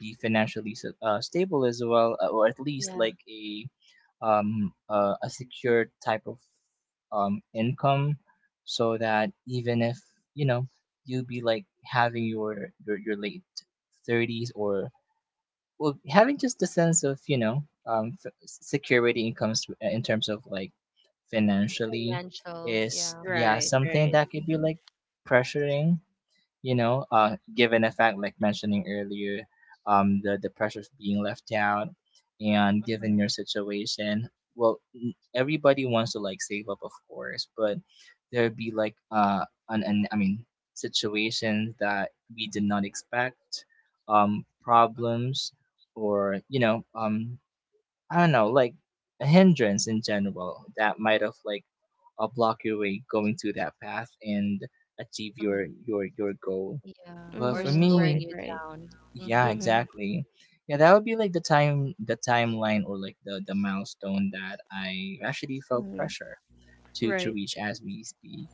[SPEAKER 2] be financially stable as well, or at least
[SPEAKER 3] yeah.
[SPEAKER 2] like a secure type of income, so that even if, you know, you be like having your your late 30s, or well, having just the sense of, you know, security incomes, in terms of like financially,
[SPEAKER 3] Financial,
[SPEAKER 2] is,
[SPEAKER 3] yeah.
[SPEAKER 2] yeah,
[SPEAKER 1] Right,
[SPEAKER 2] something
[SPEAKER 1] right.
[SPEAKER 2] that could be
[SPEAKER 1] Mhm.
[SPEAKER 2] like pressuring, you know, given a fact, like mentioning earlier, the pressure of being left out, and
[SPEAKER 3] Mm-hmm,
[SPEAKER 2] given your situation, well, everybody wants to like save up, of course, but there'd be like an I mean, situations that we did not expect, problems, or, you know, I don't know, like a hindrance in general that might have like block your way going through that path and achieve your
[SPEAKER 3] mm-hmm.
[SPEAKER 2] your goal.
[SPEAKER 3] Yeah,
[SPEAKER 2] But
[SPEAKER 3] or
[SPEAKER 2] for
[SPEAKER 1] Mm-hmm.
[SPEAKER 2] me,
[SPEAKER 3] slowing
[SPEAKER 1] Right,
[SPEAKER 3] you
[SPEAKER 1] right.
[SPEAKER 3] down.
[SPEAKER 2] yeah,
[SPEAKER 3] Mm-hmm,
[SPEAKER 1] Mm-hmm.
[SPEAKER 2] exactly. Yeah, that would be like the time, the timeline, or like the milestone that I actually felt
[SPEAKER 1] Hmm.
[SPEAKER 2] pressure to
[SPEAKER 1] Right.
[SPEAKER 2] reach as we speak.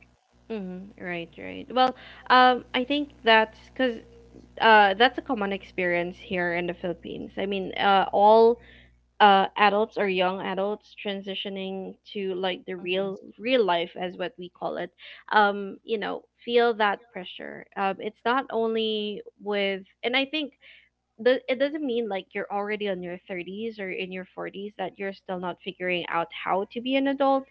[SPEAKER 1] Mm-hmm. Right, right. Well, I think that's because that's a common experience here in the Philippines. I mean, all adults or young adults transitioning to like the
[SPEAKER 3] mm-hmm,
[SPEAKER 1] real real life as what we call it, you know, feel that pressure. It's not only with, and I think does it doesn't mean like you're already on your 30s or in your 40s that you're still not figuring out how to be an adult,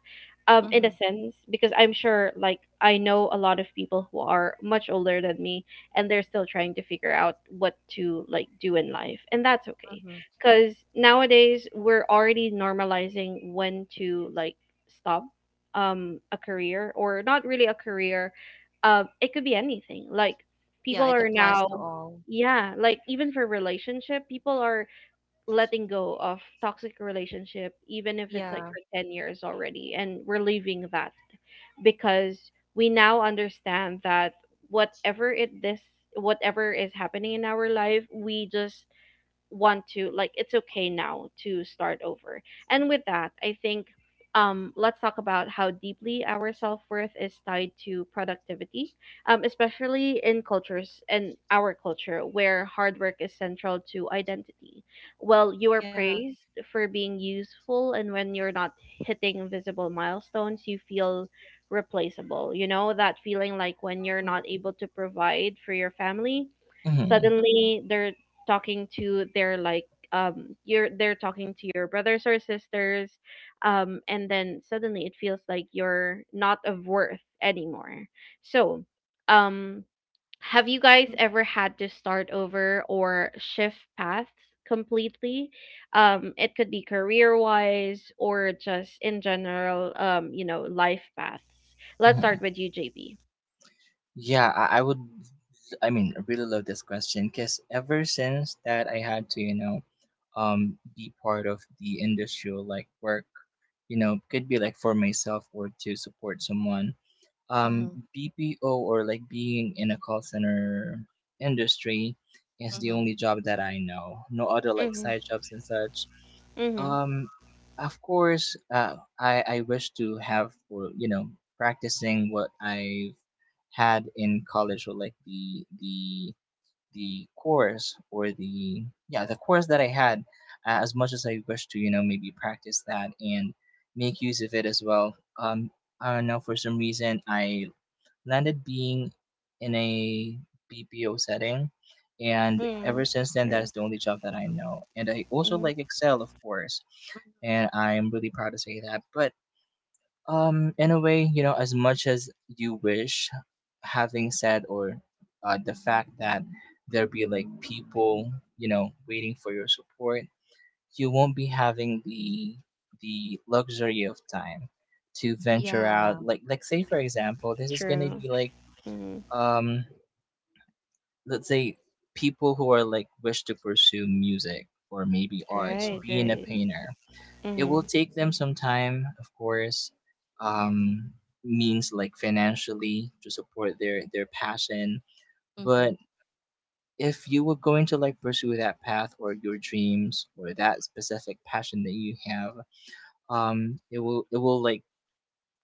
[SPEAKER 1] in a
[SPEAKER 3] mm-hmm,
[SPEAKER 1] sense, because I'm sure, like I know a lot of people who are much older than me and they're still trying to figure out what to like do in life, and that's okay.
[SPEAKER 3] mm-hmm.
[SPEAKER 1] Cuz nowadays we're already normalizing when to like stop a career or not really a career. It could be anything, like people
[SPEAKER 3] Yeah, it
[SPEAKER 1] are
[SPEAKER 3] applies to
[SPEAKER 1] now,
[SPEAKER 3] all.
[SPEAKER 1] yeah, like even for relationship, people are letting go of toxic relationship even if it's like
[SPEAKER 3] Yeah,
[SPEAKER 1] for 10 years already, and we're leaving that because we now understand that whatever it this whatever is happening in our life, we just want to like, it's okay now to start over. And with that, I think, let's talk about how deeply our self-worth is tied to productivity, especially in cultures and our culture where hard work is central to identity. Well, you are
[SPEAKER 3] yeah.
[SPEAKER 1] praised for being useful, and when you're not hitting visible milestones, you feel replaceable. You know that feeling, like when you're
[SPEAKER 3] Mm-hmm,
[SPEAKER 1] not able to provide for your family,
[SPEAKER 2] Hmm.
[SPEAKER 3] mm-hmm,
[SPEAKER 1] suddenly there, talking to their like, um you're they're talking to your brothers or sisters, and then suddenly it feels like you're not of worth anymore. So um have you guys ever had to start over or shift paths completely? It could be career wise or just in general, you know, life paths. Let's start
[SPEAKER 2] Hmm.
[SPEAKER 1] with you, JB.
[SPEAKER 2] Yeah, I would. I mean, I really love this question because ever since that I had to, you know, be part of the industrial like work, you know, could be like for myself or to support someone, um,
[SPEAKER 3] mm-hmm,
[SPEAKER 2] BPO, or like being in a call center industry, is the
[SPEAKER 3] mm-hmm.
[SPEAKER 2] only job that I know. No other like
[SPEAKER 1] Mhm.
[SPEAKER 2] side jobs and such.
[SPEAKER 1] Mhm.
[SPEAKER 2] Um, of course, I wish to have, or, you know, practicing what I've had in college, or like the the course, or the, yeah, the course that I had, as much as I wish to, you know, maybe practice that and make use of it as well. Um, I don't know, for some reason I landed being in a BPO setting. And
[SPEAKER 1] Mhm.
[SPEAKER 2] ever since then,
[SPEAKER 1] True.
[SPEAKER 2] that's the only job that I know. And I also
[SPEAKER 1] Mhm.
[SPEAKER 2] like Excel, of course. And I'm really proud to say that. But in a way, you know, as much as you wish, having said or the fact that there be like people, you know, waiting for your support, you won't be having the luxury of time to venture out
[SPEAKER 3] Yeah.
[SPEAKER 2] like say for example this is gonna
[SPEAKER 1] True.
[SPEAKER 2] be like um let's say people who are like wish to pursue music or maybe arts
[SPEAKER 1] Right,
[SPEAKER 3] Mm-hmm,
[SPEAKER 2] being a
[SPEAKER 1] right.
[SPEAKER 2] painter, it will
[SPEAKER 1] Mhm.
[SPEAKER 2] take them some time of course, um means like financially to support their passion. But
[SPEAKER 3] mm-hmm.
[SPEAKER 2] if you were going to like pursue that path or your dreams or that specific passion that you have, it will like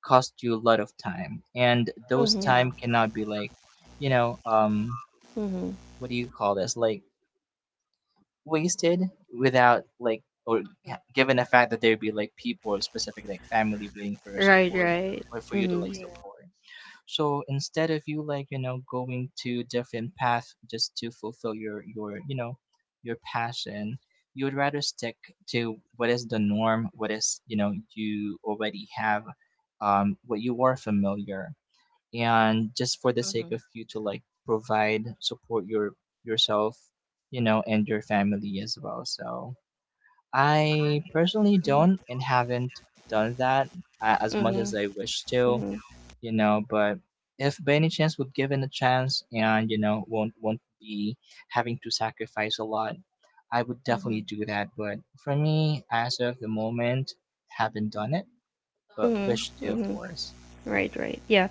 [SPEAKER 2] cost you a lot of time, and those
[SPEAKER 1] Mhm.
[SPEAKER 2] time
[SPEAKER 3] Yeah.
[SPEAKER 2] cannot be like, you know,
[SPEAKER 1] Mhm.
[SPEAKER 2] what do you call this, like wasted without like,
[SPEAKER 3] Mm-hmm.
[SPEAKER 2] given the fact that there'd be like people or specific like family waiting for your
[SPEAKER 1] Right,
[SPEAKER 2] support,
[SPEAKER 1] right.
[SPEAKER 2] or for you to like
[SPEAKER 1] Mhm.
[SPEAKER 3] Yeah.
[SPEAKER 2] support. So instead of you like, you know, going to different path just to fulfill your you know your passion, you would rather stick to what is the norm, what is, you know, you already have, what you are familiar, and just for the sake
[SPEAKER 3] Mm-hmm,
[SPEAKER 2] of you to like provide support yourself, you know, and your family as well. So I personally don't and haven't done that, as much as
[SPEAKER 1] Mhm.
[SPEAKER 2] I wish to,
[SPEAKER 1] Mhm.
[SPEAKER 2] you know. But if by any chance would given a chance and you know won't be having to sacrifice a lot, I would definitely
[SPEAKER 3] mm-hmm.
[SPEAKER 2] do that. But for me as of the moment, haven't done it, but
[SPEAKER 1] Mhm.
[SPEAKER 2] wish to of
[SPEAKER 1] Mhm.
[SPEAKER 2] course.
[SPEAKER 1] Right, right. Yeah.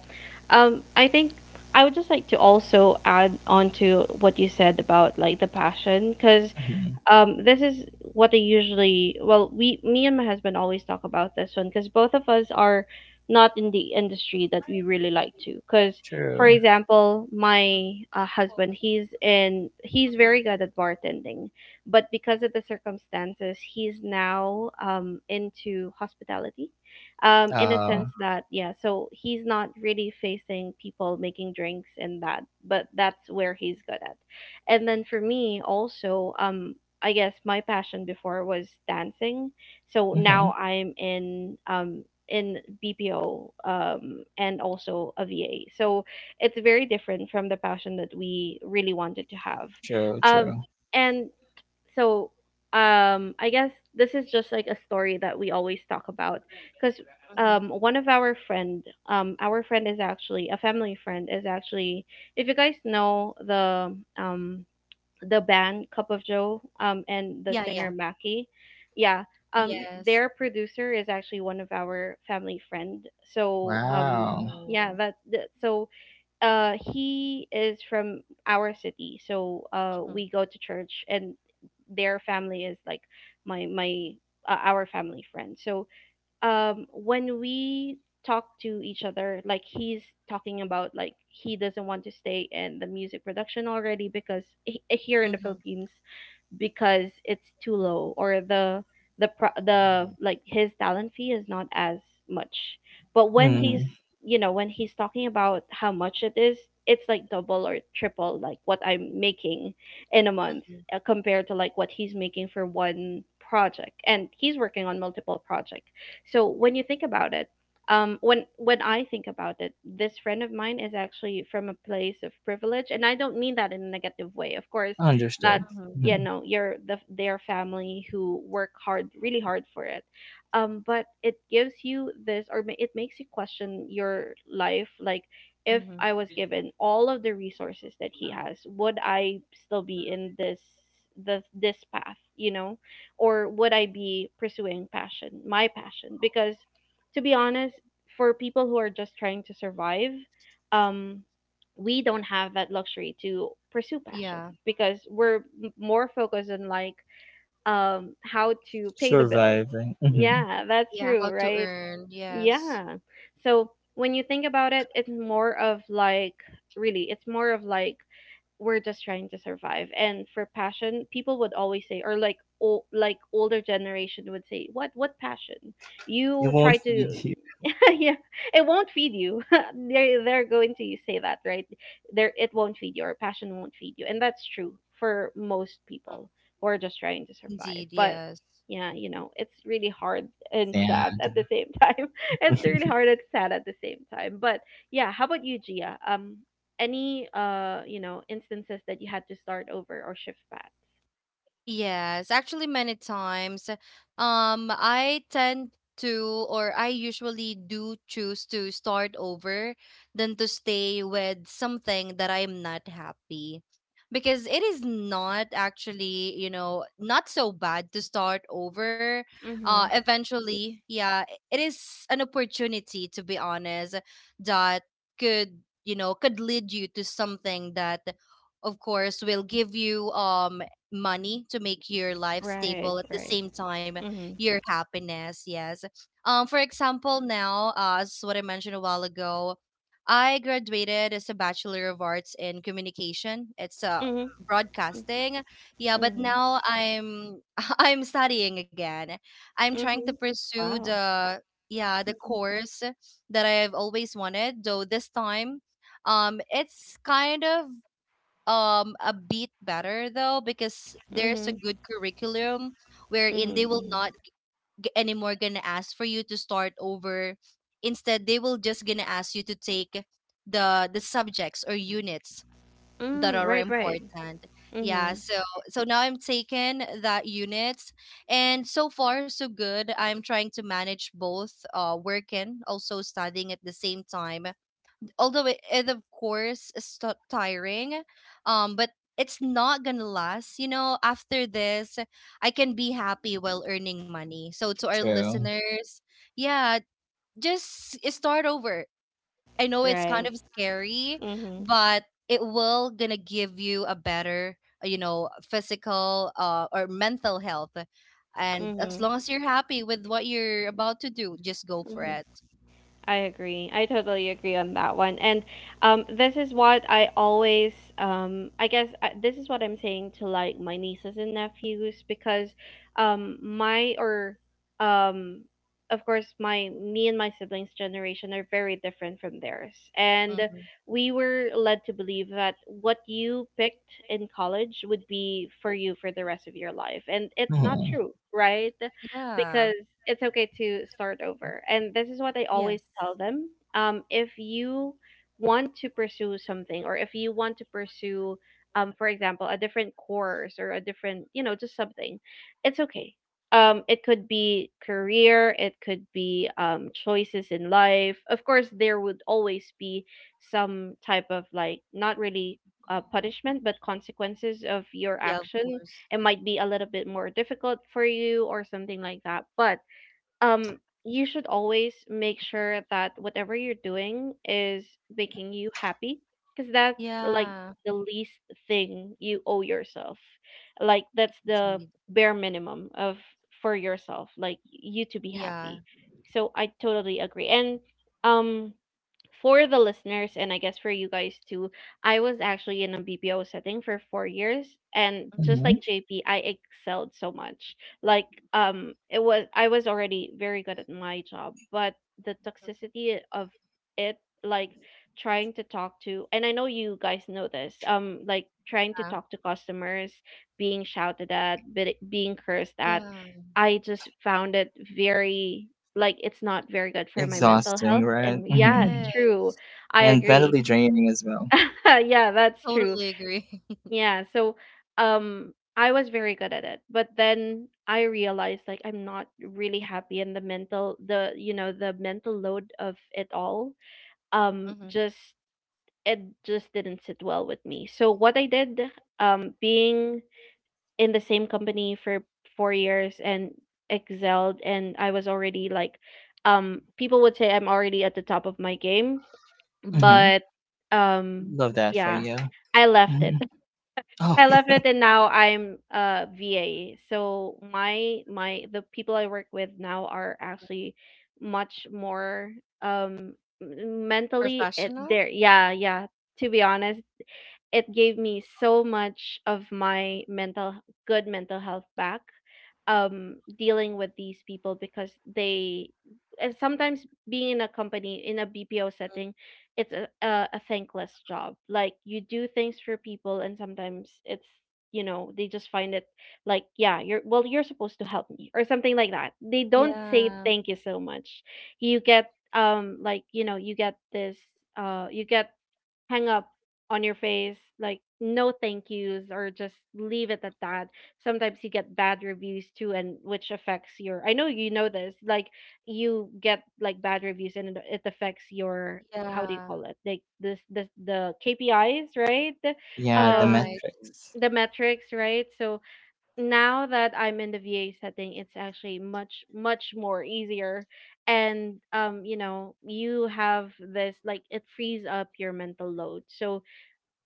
[SPEAKER 1] I think I would just like to also add on to what you said about like the passion, cuz
[SPEAKER 2] Mhm.
[SPEAKER 1] this is what I usually, well, we me and my husband always talk about this one because both of us are not in the industry that we really like to, because for
[SPEAKER 2] True.
[SPEAKER 1] example my husband, he's very
[SPEAKER 3] Mm-hmm,
[SPEAKER 1] good at bartending, but because of the circumstances he's now into hospitality, in a sense that, yeah, so he's not really facing people making drinks and that, but that's where he's good at. And then for me also, I guess my passion before was dancing. So
[SPEAKER 2] Mm-hmm.
[SPEAKER 1] now I'm in BPO and also a VA. So it's very different from the passion that we really wanted to have.
[SPEAKER 2] True,
[SPEAKER 1] Um
[SPEAKER 2] true.
[SPEAKER 1] and so I guess this is just like a story that we always talk about cuz
[SPEAKER 3] mm-hmm.
[SPEAKER 1] one of our friend is actually a family friend, is actually, if you guys know um the band Cup of Joe and the
[SPEAKER 3] Yeah,
[SPEAKER 1] singer
[SPEAKER 3] yeah.
[SPEAKER 1] Maki. Yeah, um,
[SPEAKER 3] Yes.
[SPEAKER 1] their producer is actually one of our family friend. So
[SPEAKER 2] Wow.
[SPEAKER 1] yeah,
[SPEAKER 3] Wow.
[SPEAKER 1] that, that so he is from our city. So
[SPEAKER 3] Mm-hmm.
[SPEAKER 1] we go to church, and their family is like my our family friend. So when we talk to each other, like he's talking about like he doesn't want to stay in the music production already because, he, here in the
[SPEAKER 3] Mhm,
[SPEAKER 1] Philippines, because it's too low, or the like his talent fee is not as much. But when
[SPEAKER 3] mhm,
[SPEAKER 1] he's,
[SPEAKER 2] Mm,
[SPEAKER 1] you know, when he's talking about how much it is, it's like double or triple like what I'm making in a month,
[SPEAKER 3] mhm,
[SPEAKER 1] compared to like what he's making for one project, and he's working on multiple projects. So when you think about it, when I think about it, this friend of mine is actually from a place of privilege, and I don't mean that in a negative way, of course. That,
[SPEAKER 2] understood.
[SPEAKER 3] mhm,
[SPEAKER 2] Hmm.
[SPEAKER 1] you know, your the their family who work hard, really hard for it. But it gives you this, or it makes you question your life like, if
[SPEAKER 3] mhm.
[SPEAKER 1] I was given all of the resources that he has, would I still be in this, the this path, you know? Or would I be pursuing passion my passion? Because to be honest, for people who are just trying to survive, um we don't have that luxury to pursue passion,
[SPEAKER 3] Yeah,
[SPEAKER 1] because we're more focused on like how to pay the bills.
[SPEAKER 2] Surviving. Mm-hmm.
[SPEAKER 1] Yeah, that's
[SPEAKER 3] yeah,
[SPEAKER 1] true,
[SPEAKER 3] how to
[SPEAKER 1] right?
[SPEAKER 3] earn, yes.
[SPEAKER 1] Yeah. So when you think about it, it's more of like really it's more of like, we're just trying to survive. And for passion, people would always say, or like, like older generation would say, what passion?
[SPEAKER 2] It
[SPEAKER 1] You try
[SPEAKER 2] won't
[SPEAKER 1] to
[SPEAKER 2] feed you.
[SPEAKER 1] yeah, it won't feed you. They're going to say that, right? There, it won't feed you, or passion won't feed you, and that's true for most people
[SPEAKER 3] Mm.
[SPEAKER 1] who are just trying to survive.
[SPEAKER 3] Indeed,
[SPEAKER 1] But
[SPEAKER 3] yes.
[SPEAKER 1] yeah, you know, it's really hard and sad
[SPEAKER 2] Sad.
[SPEAKER 1] at the same time. It's really hard and sad at the same time. But yeah, how about you, Gia? Any you know, instances that you had to start over or shift back?
[SPEAKER 3] Yes, actually many times. I tend to or I usually do choose to start over than to stay with something that I'm not happy. Because it is not actually, you know, not so bad to start over.
[SPEAKER 1] Mhm.
[SPEAKER 3] Eventually, yeah, it is an opportunity, to be honest, that could, you know, could lead you to something that of course will give you money to make your life
[SPEAKER 1] Right.
[SPEAKER 3] stable, at the
[SPEAKER 1] Right.
[SPEAKER 3] same time
[SPEAKER 1] Mhm.
[SPEAKER 3] your happiness, yes. For example now, as what I mentioned a while ago, I graduated as a bachelor of arts in communication. It's,
[SPEAKER 1] Mhm.
[SPEAKER 3] broadcasting, yeah. But
[SPEAKER 1] Mhm.
[SPEAKER 3] now I'm I'm studying again. I'm trying to
[SPEAKER 1] Mhm.
[SPEAKER 3] pursue
[SPEAKER 1] Wow.
[SPEAKER 3] the, yeah, the course that I've always wanted, though this time it's kind of a bit better, though, because there's a
[SPEAKER 1] Mhm.
[SPEAKER 3] good curriculum wherein they
[SPEAKER 1] Mhm,
[SPEAKER 3] will
[SPEAKER 1] mhm.
[SPEAKER 3] not anymore gonna ask for you to start over. Instead they will just gonna ask you to take the subjects or units that
[SPEAKER 1] Mm,
[SPEAKER 3] are
[SPEAKER 1] right, right.
[SPEAKER 3] important, yeah.
[SPEAKER 1] Mhm.
[SPEAKER 3] So so now I'm taking that units, and so far so good. I'm trying to manage both, working, also studying at the same time. Although it of course is tiring, but it's not gonna last, you know. After this I can be happy while earning money. So to our
[SPEAKER 2] True.
[SPEAKER 3] listeners, yeah, just start over. I know it's kind
[SPEAKER 1] Right.
[SPEAKER 3] of scary,
[SPEAKER 1] Mhm.
[SPEAKER 3] but it will gonna give you a better, you know, physical, or mental health. And as
[SPEAKER 1] Mhm.
[SPEAKER 3] long as you're happy with what you're about to do, just go for
[SPEAKER 1] Mhm.
[SPEAKER 3] it.
[SPEAKER 1] I agree. I totally agree on that one. And this is what I always, I guess, this is what I'm saying to like my nieces and nephews, because my, or um, of course, me and my siblings' generation are very different from theirs. And
[SPEAKER 3] Hmm.
[SPEAKER 1] we were led to believe that what you picked in college would be for you for the rest of your life. And it's not
[SPEAKER 2] Mm-hmm.
[SPEAKER 1] true, right?
[SPEAKER 3] Yeah.
[SPEAKER 1] Because it's okay to start over. And this is what I
[SPEAKER 3] Yes.
[SPEAKER 1] always tell them. If you want to pursue something, or if you want to pursue, for example, a different course or a different, you know, just something, it's okay. It could be career, it could be choices in life. Of course, there would always be some type of like, not really punishment, but consequences of your
[SPEAKER 3] Yeah, of
[SPEAKER 1] action.
[SPEAKER 3] course.
[SPEAKER 1] It might be a little bit more difficult for you or something like that, but um you should always make sure that whatever you're doing is making you happy, because that's like
[SPEAKER 3] Yeah,
[SPEAKER 1] the least thing you owe yourself. Like that's the
[SPEAKER 3] indeed.
[SPEAKER 1] bare minimum of, for yourself, like, you to be
[SPEAKER 3] Yeah.
[SPEAKER 1] happy. So I totally agree. And um for the listeners, and I guess for you guys too, I was actually in a BPO setting for 4 years, and just
[SPEAKER 2] Mm-hmm.
[SPEAKER 1] like JP, I excelled so much. Like it was, I was already very good at my job, but the toxicity of it, like trying to talk to, and I know you guys know this, like trying to
[SPEAKER 3] Uh.
[SPEAKER 1] talk to customers, being shouted at, being cursed at,
[SPEAKER 3] Yeah.
[SPEAKER 1] I just found it very, like, it's not very good for my mental
[SPEAKER 2] Exhausting,
[SPEAKER 1] health.
[SPEAKER 2] right?
[SPEAKER 1] And yeah,
[SPEAKER 2] Mm-hmm.
[SPEAKER 1] true,
[SPEAKER 3] Yes.
[SPEAKER 1] I
[SPEAKER 2] And
[SPEAKER 1] agree.
[SPEAKER 2] mentally draining as well.
[SPEAKER 1] Yeah, that's true.
[SPEAKER 3] Totally agree.
[SPEAKER 1] Yeah. So um I was very good at it, but then I realized like I'm not really happy, and the mental, the, you know, the mental load of it all,
[SPEAKER 3] Mm-hmm.
[SPEAKER 1] just it just didn't sit well with me. So what I did, being in the same company for 4 years and excelled, and I was already like, people would say I'm already at the top of my game.
[SPEAKER 2] Mm-hmm.
[SPEAKER 3] Mm-hmm.
[SPEAKER 1] But um
[SPEAKER 2] Love that for
[SPEAKER 1] yeah,
[SPEAKER 2] you.
[SPEAKER 1] I left it.
[SPEAKER 2] Mm-hmm. Oh,
[SPEAKER 1] I left it. And now I'm a VA, so my the people I work with now are actually much more um mentally it,
[SPEAKER 3] Professional?
[SPEAKER 1] they're, yeah, yeah. To be honest, it gave me so much of my mental, good mental health back, dealing with these people. Because they, and sometimes being in a company, in a BPO setting, it's a thankless job, like you do things for people and sometimes it's, you know, they just find it like, yeah, you're, well, you're supposed to help me or something like that. They don't say
[SPEAKER 3] Yeah.
[SPEAKER 1] thank you so much. You get like, you know, you get this you get hang up on your face, like no thank yous, or just leave it at that. Sometimes you get bad reviews too, and which affects your, I know you know this, like you get like bad reviews and it affects your, how do you
[SPEAKER 3] Yeah.
[SPEAKER 1] call it? Like this the KPIs, right?
[SPEAKER 2] yeah, the
[SPEAKER 1] Um
[SPEAKER 3] Right.
[SPEAKER 2] metrics.
[SPEAKER 1] the metrics, right? So now that I'm in the VA setting, it's actually much more easier, and you know, you have this, like it frees up your mental load. So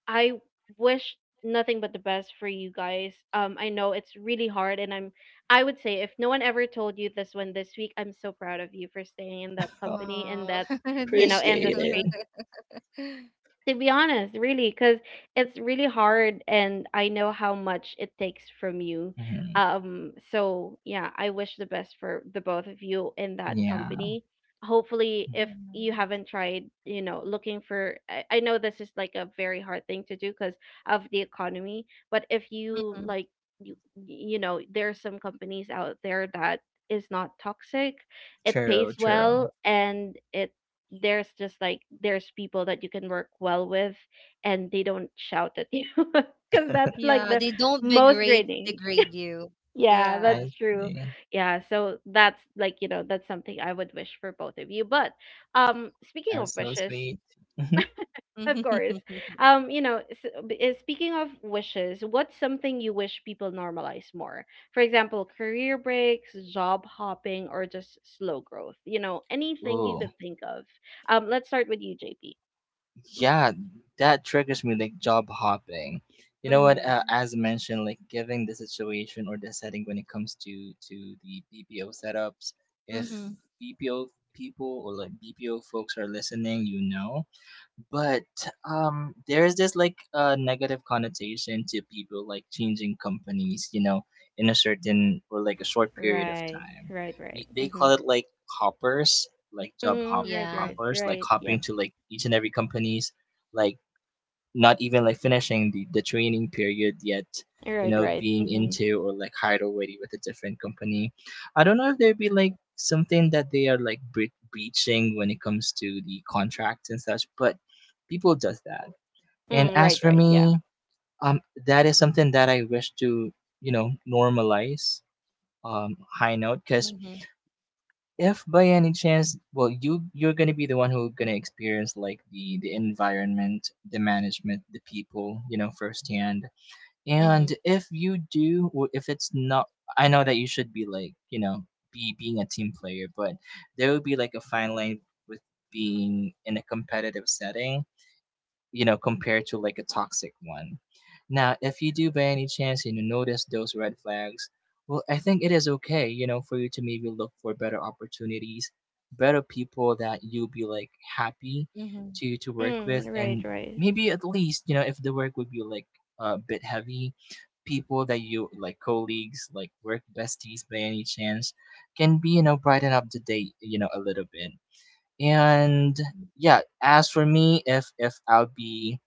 [SPEAKER 1] I wish nothing but the best for you guys. I know it's really hard, and I'm. I would say if no one ever told you this one this week, I'm so proud of you for staying in that
[SPEAKER 2] Oh,
[SPEAKER 1] company and
[SPEAKER 3] Oh,
[SPEAKER 1] that, you
[SPEAKER 3] thank
[SPEAKER 1] know,
[SPEAKER 3] you.
[SPEAKER 2] appreciate it.
[SPEAKER 1] industry, to be honest, really, because it's really hard, and I know how much it takes from you.
[SPEAKER 2] Mm-hmm.
[SPEAKER 1] So yeah, I wish the best for the both of you in that
[SPEAKER 2] Yeah,
[SPEAKER 1] company. Hopefully, if you
[SPEAKER 3] Mm.
[SPEAKER 1] haven't tried, you know, looking for, I know this is like a very hard thing to do because of the economy, but if you
[SPEAKER 3] Mm-mm.
[SPEAKER 1] like, you, you know, there are some companies out there that is not toxic, it pays
[SPEAKER 2] true,
[SPEAKER 1] well,
[SPEAKER 2] true.
[SPEAKER 1] and it there's just like there's people that you can work well with, and they don't shout at you because that's like
[SPEAKER 3] Yeah,
[SPEAKER 1] the
[SPEAKER 3] they don't
[SPEAKER 1] most draining.
[SPEAKER 3] degrade you.
[SPEAKER 1] Yeah,
[SPEAKER 3] Yeah.
[SPEAKER 1] that's
[SPEAKER 2] I
[SPEAKER 1] true.
[SPEAKER 2] see.
[SPEAKER 1] Yeah, so that's like, you know, that's something I would wish for both of you. But um, speaking
[SPEAKER 2] That
[SPEAKER 1] of
[SPEAKER 2] was so
[SPEAKER 1] wishes,
[SPEAKER 2] sweet. Mm-hmm.
[SPEAKER 1] of course, um, you know, speaking of wishes, what's something you wish people normalize more? For example, career breaks, job hopping, or just slow growth, you know, anything you
[SPEAKER 2] Ooh.
[SPEAKER 1] could think of. Um, let's start with you, JP.
[SPEAKER 2] Yeah, that triggers me, like job hopping. You know what,
[SPEAKER 1] Mm-hmm.
[SPEAKER 2] as mentioned, like given the situation or the setting when it comes to the BPO setups, if
[SPEAKER 3] Mm-hmm.
[SPEAKER 2] BPO people or like BPO folks are listening, you know, but there's this like negative connotation to people like changing companies, you know, in a certain or like a short period of
[SPEAKER 1] Right.
[SPEAKER 2] time.
[SPEAKER 1] Right. Right.
[SPEAKER 2] They
[SPEAKER 1] Mm-hmm.
[SPEAKER 2] call it like hoppers, like job hop,
[SPEAKER 1] Mm-hmm. Right.
[SPEAKER 3] Yeah.
[SPEAKER 1] Right.
[SPEAKER 2] hoppers, like
[SPEAKER 1] Right. Yep.
[SPEAKER 2] hopping to like each and every companies, like not even like finishing the training period yet, you
[SPEAKER 1] Right.
[SPEAKER 2] know,
[SPEAKER 1] Right.
[SPEAKER 2] being
[SPEAKER 1] Mm-hmm.
[SPEAKER 2] into or like hired already with a different company. I don't know if there'd be like
[SPEAKER 3] Mm-hmm.
[SPEAKER 2] something that they are like breaching when it comes to the contracts and such, but people does that. And
[SPEAKER 1] Mm,
[SPEAKER 2] as
[SPEAKER 1] right.
[SPEAKER 2] for
[SPEAKER 1] Right. Yeah.
[SPEAKER 2] me, um that is something that I wish to, you know, normalize, high note, because
[SPEAKER 3] Mm-hmm.
[SPEAKER 2] if by any chance, well you're gonna be the one who gonna experience like the environment, the management, the people, you know, firsthand.
[SPEAKER 3] Mm-hmm.
[SPEAKER 2] And if you do or if it's not, I know that you should be like, you know, be being a team player, but there will be like a fine line with being in a competitive setting, you know, compared to like a toxic one. Now, if you do by any chance, you know, notice those red flags, well, I think it is okay, you know, for you to maybe look for better opportunities, better people that you'll be like happy
[SPEAKER 3] Mm-hmm.
[SPEAKER 2] to work with,
[SPEAKER 1] Mm, right.
[SPEAKER 2] and
[SPEAKER 1] Right.
[SPEAKER 2] maybe at least, you know, if the work would be like a bit heavy, people that you like, colleagues, like work besties by any chance, can be, you know, brighten up the day, you know, a little bit. And yeah, as for me, if I'll be,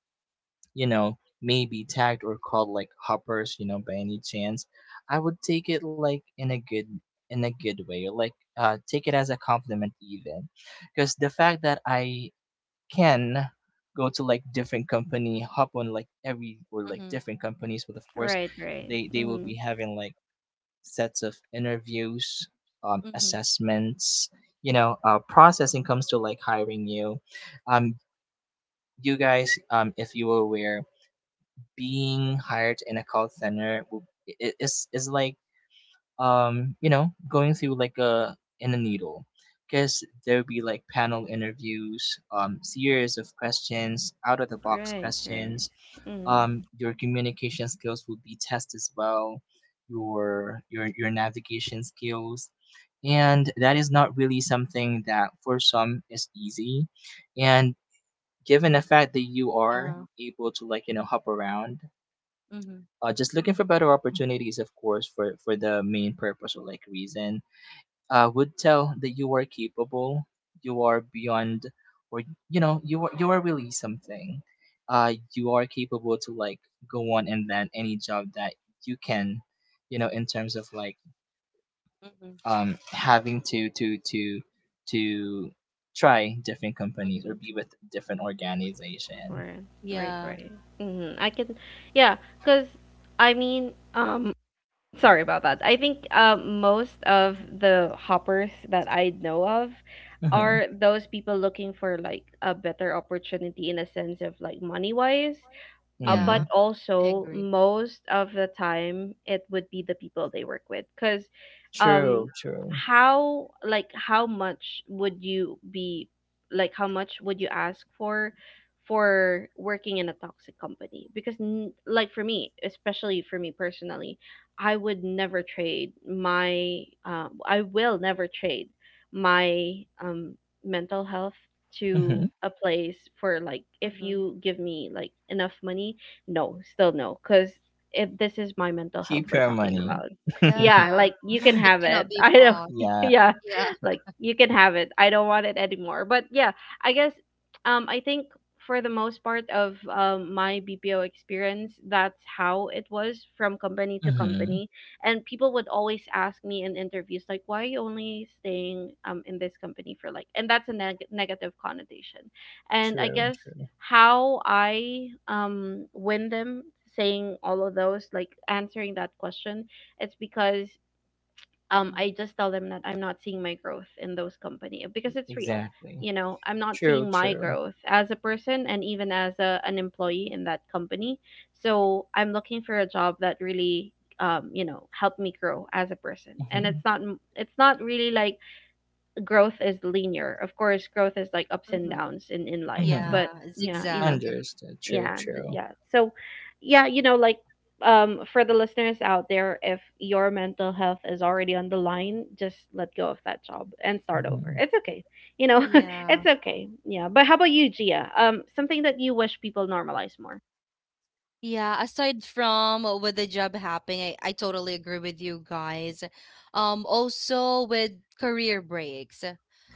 [SPEAKER 2] you know, maybe tagged or called like hoppers, you know, by any chance, I would take it like in a good, in a good way, or like take it as a compliment even, because the fact that I can go to like different company, hop on like every or like
[SPEAKER 3] Mm-hmm.
[SPEAKER 2] different companies, but of course
[SPEAKER 1] Right. Right.
[SPEAKER 2] they will
[SPEAKER 1] Mm-hmm.
[SPEAKER 2] be having like sets of interviews,
[SPEAKER 3] Mm-hmm.
[SPEAKER 2] assessments, you know, processing comes to like hiring you. Um, you guys, if you were aware, being hired in a call center is like, you know, going through like a, in a needle, because there'll be like panel interviews, um, series of questions, out of the box
[SPEAKER 1] Right. Right.
[SPEAKER 2] questions,
[SPEAKER 1] Mm-hmm.
[SPEAKER 2] your communication skills will be tested as well, your your navigation skills, and that is not really something that for some is easy. And given the fact that you are
[SPEAKER 3] Yeah.
[SPEAKER 2] able to like, you know, hop around,
[SPEAKER 3] Mm-hmm.
[SPEAKER 2] just looking for better opportunities, of course, for the main purpose or like reason, would tell that you are capable, you are beyond, or you know, you are really something. You are capable to like go on and land any job that you can, you know, in terms of like
[SPEAKER 3] Mm-hmm.
[SPEAKER 2] having to try different companies or
[SPEAKER 3] Mhm.
[SPEAKER 2] be with different organization.
[SPEAKER 1] Right. Right.
[SPEAKER 3] Yeah.
[SPEAKER 1] Right. Mm-hmm. I can. Yeah. Cause I mean, sorry about that. I think most of
[SPEAKER 3] Hmm.
[SPEAKER 1] the hoppers that I know of
[SPEAKER 2] Mm-hmm.
[SPEAKER 1] are those people looking for like a better opportunity, in a sense of like money wise,
[SPEAKER 2] Mm-hmm.
[SPEAKER 3] Yeah,
[SPEAKER 1] but
[SPEAKER 3] I
[SPEAKER 1] also
[SPEAKER 3] agree.
[SPEAKER 1] most of the time it would be the people they work with because um,
[SPEAKER 2] True, true.
[SPEAKER 1] how much would you ask for working in a toxic company? Because like for me, especially for me personally, I would never trade my uh, i will never trade my um mental health
[SPEAKER 2] Mm-hmm.
[SPEAKER 1] to a place for like, if
[SPEAKER 3] Hmm.
[SPEAKER 1] you give me like enough money, no, still no, because if this is my mental health
[SPEAKER 2] Keep
[SPEAKER 1] we're
[SPEAKER 2] your
[SPEAKER 1] talking
[SPEAKER 2] money.
[SPEAKER 1] about,
[SPEAKER 3] Yeah,
[SPEAKER 1] yeah, like you can
[SPEAKER 3] it
[SPEAKER 1] have
[SPEAKER 3] cannot
[SPEAKER 1] it.
[SPEAKER 3] be
[SPEAKER 1] I don't,
[SPEAKER 3] fought.
[SPEAKER 2] Yeah.
[SPEAKER 1] yeah,
[SPEAKER 3] Yeah.
[SPEAKER 1] like you can have it. I don't want it anymore. But yeah, I guess, I think for the most part of my BPO experience, that's how it was from company to
[SPEAKER 2] Mm-hmm.
[SPEAKER 1] company, and people would always ask me in interviews like, "Why are you only staying in this company for like?" And that's a negative connotation, and I
[SPEAKER 2] True,
[SPEAKER 1] guess
[SPEAKER 2] true.
[SPEAKER 1] how I win them, saying all of those, like answering that question, it's because
[SPEAKER 3] Hmm.
[SPEAKER 1] I just tell them that I'm not seeing my growth in those company, because it's real,
[SPEAKER 2] Exactly.
[SPEAKER 1] you know, I'm not
[SPEAKER 2] True,
[SPEAKER 1] seeing my
[SPEAKER 2] true.
[SPEAKER 1] growth as a person and even as a, an employee in that company. So I'm looking for a job that really you know, help me grow as a person, and
[SPEAKER 2] Mm-hmm.
[SPEAKER 1] it's not really like growth is linear. Of course growth is like ups and
[SPEAKER 3] Hmm.
[SPEAKER 1] downs in life,
[SPEAKER 2] Mm-hmm.
[SPEAKER 3] Yeah,
[SPEAKER 1] but yeah, you know.
[SPEAKER 3] zigzag.
[SPEAKER 2] Understood. True, true.
[SPEAKER 1] Yeah, so yeah, you know, like um, for the listeners out there, if your mental health is already on the line, just let go of that job and start over.
[SPEAKER 2] Mm-hmm.
[SPEAKER 1] It's okay, you know.
[SPEAKER 3] Yeah.
[SPEAKER 1] It's okay. Yeah, but how about you, Gia? Um, something that you wish people normalize more?
[SPEAKER 3] Yeah, aside from, with the job happening, I totally agree with you guys. Also with career breaks.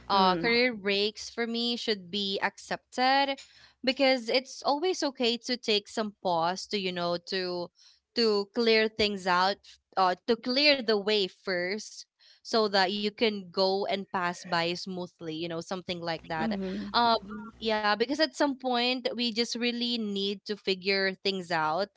[SPEAKER 1] Mm.
[SPEAKER 3] Career breaks for me should be accepted, because it's always okay to take some pause to, you know, to clear things out, to clear the way first, so that you can go and pass by smoothly, you know, something like that.
[SPEAKER 1] Mhm.
[SPEAKER 3] Yeah, because at some point we just really need to figure things out,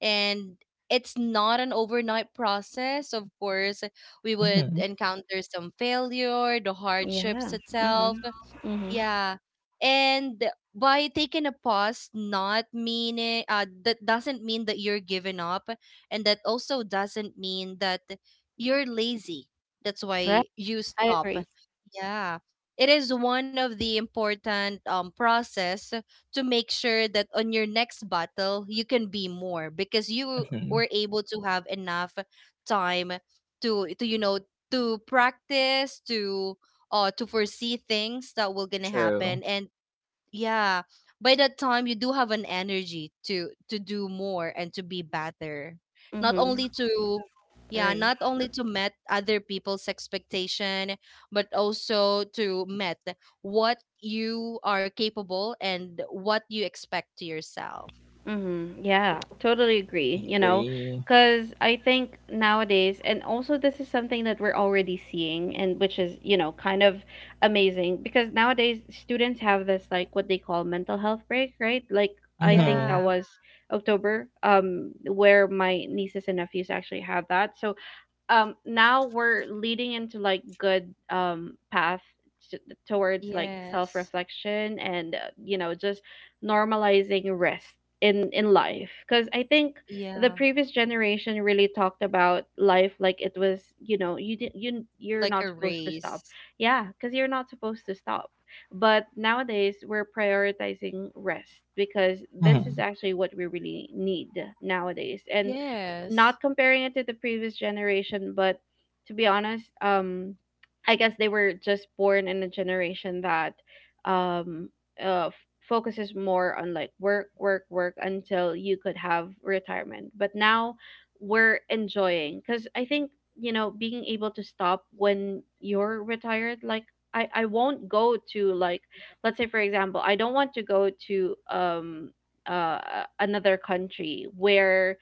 [SPEAKER 3] and it's not an overnight process. Of course, we would
[SPEAKER 2] Mm-hmm.
[SPEAKER 3] encounter some failure, the
[SPEAKER 1] Yeah.
[SPEAKER 3] hardships itself,
[SPEAKER 1] Mhm. Mhm.
[SPEAKER 3] yeah. And by taking a pause, not meaning that doesn't mean that you're giving up, and that also doesn't mean that you're lazy. That's
[SPEAKER 1] Right.
[SPEAKER 3] why you
[SPEAKER 1] I
[SPEAKER 3] stop.
[SPEAKER 1] agree.
[SPEAKER 3] Yeah. It is one of the important process to make sure that on your next battle you can be more, because you
[SPEAKER 2] Mm-hmm.
[SPEAKER 3] were able to have enough time to, you know, to practice, to foresee things that will gonna
[SPEAKER 2] True.
[SPEAKER 3] happen, and yeah, by that time you do have an energy to do more and to be better, not
[SPEAKER 1] Mhm.
[SPEAKER 3] only to, yeah,
[SPEAKER 1] Right.
[SPEAKER 3] not only to met other people's expectation, but also to met what you are capable and what you expect to yourself.
[SPEAKER 1] Mm-hmm. Yeah, totally agree, you know,
[SPEAKER 2] Agree.
[SPEAKER 1] because I think nowadays, and also this is something that we're already seeing, and which is, you know, kind of amazing, because nowadays students have this, like, what they call mental health break, right? Like, I think
[SPEAKER 2] Mm-hmm.
[SPEAKER 1] that
[SPEAKER 3] Yeah.
[SPEAKER 1] was October, where my nieces and nephews actually had that. So um, now we're leading into like good um, path t- towards like
[SPEAKER 3] Yes.
[SPEAKER 1] self-reflection and you know, just normalizing rest in life, because I think the
[SPEAKER 3] Yeah,
[SPEAKER 1] previous generation really talked about life like it was, you know, you did you you're
[SPEAKER 3] like
[SPEAKER 1] not
[SPEAKER 3] a
[SPEAKER 1] supposed to stop.
[SPEAKER 3] race.
[SPEAKER 1] Yeah, because you're not supposed to stop. But nowadays we're prioritizing rest, because this is actually what we really need nowadays. And
[SPEAKER 3] Yes.
[SPEAKER 1] not comparing it to the previous generation, but to be honest, I guess they were just born in a generation that um, uh, f- focuses more on like work, work, work until you could have retirement. But now we're enjoying, because I think, you know, being able to stop when you're retired, I won't go to like, let's say for example, I don't want to go to another country where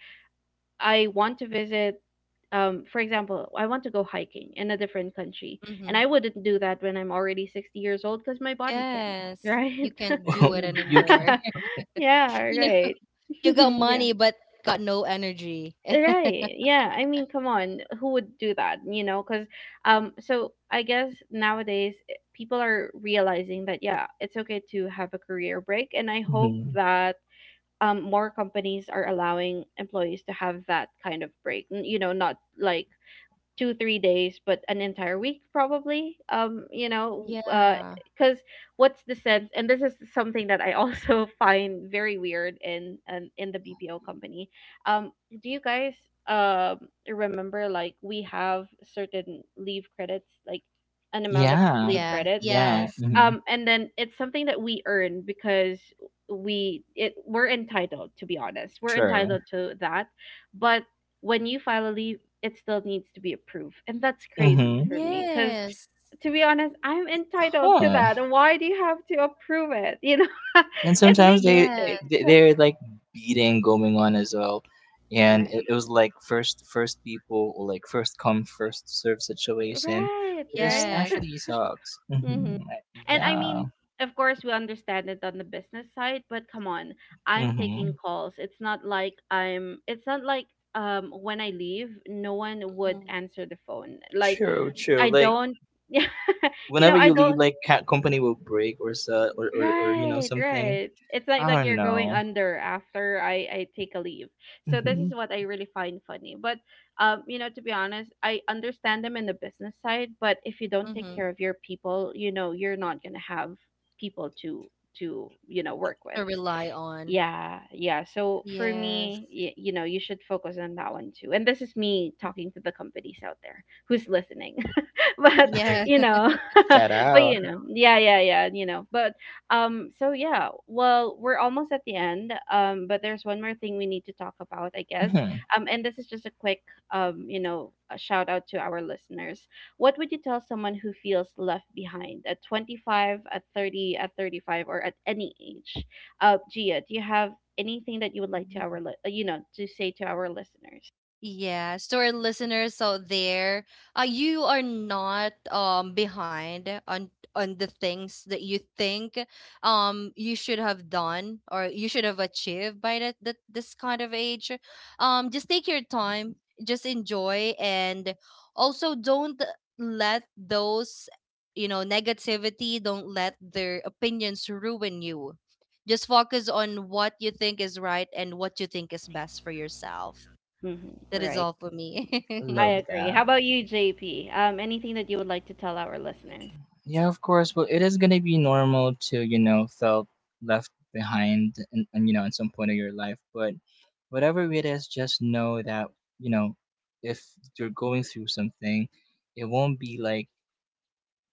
[SPEAKER 1] I want to visit, for example, I want to go hiking in a different country, and
[SPEAKER 3] Mm-hmm.
[SPEAKER 1] I wouldn't do that when I'm already 60 years old because my body
[SPEAKER 3] Yes,
[SPEAKER 1] can,
[SPEAKER 3] you
[SPEAKER 1] right?
[SPEAKER 3] can't do it
[SPEAKER 2] Mm-hmm. You can.
[SPEAKER 3] anymore.
[SPEAKER 1] Yeah,
[SPEAKER 3] You know,
[SPEAKER 1] right.
[SPEAKER 3] you got
[SPEAKER 1] Yeah,
[SPEAKER 3] money but got no energy.
[SPEAKER 1] right. Yeah, I mean, come on, who would do that, you know? Because, so I guess nowadays people are realizing that, yeah, it's okay to have a career break, and I hope
[SPEAKER 2] Mm-hmm.
[SPEAKER 1] that. More companies are allowing employees to have that kind of break. You know, not like two, three days but an entire week probably, um, you know, uh,
[SPEAKER 3] Yeah.
[SPEAKER 1] because what's the sense? And this is something that I also find very weird in, in the BPO company. Um, do you guys um, remember like we have certain leave credits, like an amount of
[SPEAKER 2] Yeah.
[SPEAKER 1] leave
[SPEAKER 3] Yeah.
[SPEAKER 1] credits,
[SPEAKER 2] Yeah.
[SPEAKER 3] Yes.
[SPEAKER 2] Mm-hmm.
[SPEAKER 1] um, and then it's something that we earn because we're entitled. To be honest, we're
[SPEAKER 2] True.
[SPEAKER 1] entitled to that. But when you file a leave, it still needs to be approved, and that's crazy
[SPEAKER 2] Mm-hmm.
[SPEAKER 1] for me, because
[SPEAKER 3] Yes.
[SPEAKER 1] to be honest, I'm entitled to
[SPEAKER 2] Huh.
[SPEAKER 1] that. Why do you have to approve it, you know?
[SPEAKER 2] And
[SPEAKER 1] It
[SPEAKER 2] sometimes
[SPEAKER 1] makes you
[SPEAKER 2] they
[SPEAKER 3] Yes.
[SPEAKER 1] think.
[SPEAKER 2] they're like beating going on as well, and it
[SPEAKER 1] Right.
[SPEAKER 2] was like first people or like first come first serve situation.
[SPEAKER 1] right
[SPEAKER 2] But this
[SPEAKER 1] right
[SPEAKER 3] Yes.
[SPEAKER 2] actually sucks.
[SPEAKER 1] Mm-hmm.
[SPEAKER 2] Mm-hmm.
[SPEAKER 1] And I
[SPEAKER 2] Yeah.
[SPEAKER 1] mean, of course, we understand it on the business side, but come on, I'm
[SPEAKER 2] Mm-hmm.
[SPEAKER 1] taking calls. It's not like um, when I leave, no one would answer the phone. Like
[SPEAKER 2] True, true.
[SPEAKER 1] I
[SPEAKER 2] Like
[SPEAKER 1] don't. Yeah, you know,
[SPEAKER 2] whenever
[SPEAKER 1] I
[SPEAKER 2] you leave,
[SPEAKER 1] don't.
[SPEAKER 2] like cat company will break or so, or, or you know
[SPEAKER 1] Right,
[SPEAKER 2] something.
[SPEAKER 1] right. It's
[SPEAKER 2] I
[SPEAKER 1] like
[SPEAKER 2] don't
[SPEAKER 1] you're going
[SPEAKER 2] know.
[SPEAKER 1] under after I take a leave. So this
[SPEAKER 2] Mm-hmm.
[SPEAKER 1] is what I really find funny. But you know, to be honest, I understand them in the business side, but if you don't take
[SPEAKER 3] Mm-hmm.
[SPEAKER 1] care of your people, you know, you're not gonna have people to you know, work with.
[SPEAKER 3] To rely on.
[SPEAKER 1] Yeah, yeah. So for
[SPEAKER 3] Yes.
[SPEAKER 1] me, you know, you should focus on that one too. And this is me talking to the companies out there who's listening. But you
[SPEAKER 3] Yes.
[SPEAKER 1] know,
[SPEAKER 2] Shout
[SPEAKER 1] but
[SPEAKER 2] out.
[SPEAKER 1] you know, yeah, yeah, yeah, you know. But um, so yeah, well, we're almost at the end, um, but there's one more thing we need to talk about, I guess.
[SPEAKER 2] Hmm.
[SPEAKER 1] Um, and this is just a quick um, you know, a shout out to our listeners. What would you tell someone who feels left behind at 25, at 30, at 35, or at any age? Uh, Gia, do you have anything that you would like to you know, to say to our listeners?
[SPEAKER 3] Yes, to our listeners out there, you are not behind on the things that you think you should have done or you should have achieved by that, that this kind of age. Just take your time, just enjoy, and also don't let those, you know, negativity, don't let their opinions ruin you. Just focus on what you think is right and what you think is best for yourself.
[SPEAKER 1] Mm-hmm,
[SPEAKER 3] That is
[SPEAKER 1] right.
[SPEAKER 3] all for me.
[SPEAKER 1] I
[SPEAKER 2] Love
[SPEAKER 1] agree. How
[SPEAKER 2] that.
[SPEAKER 1] about you, JP? Anything that you would like to tell our listeners?
[SPEAKER 2] Yeah, of course. Well, it is gonna be normal to, you know, felt left behind, and you know at some point of your life. But whatever it is, just know that, you know, if you're going through something, it won't be like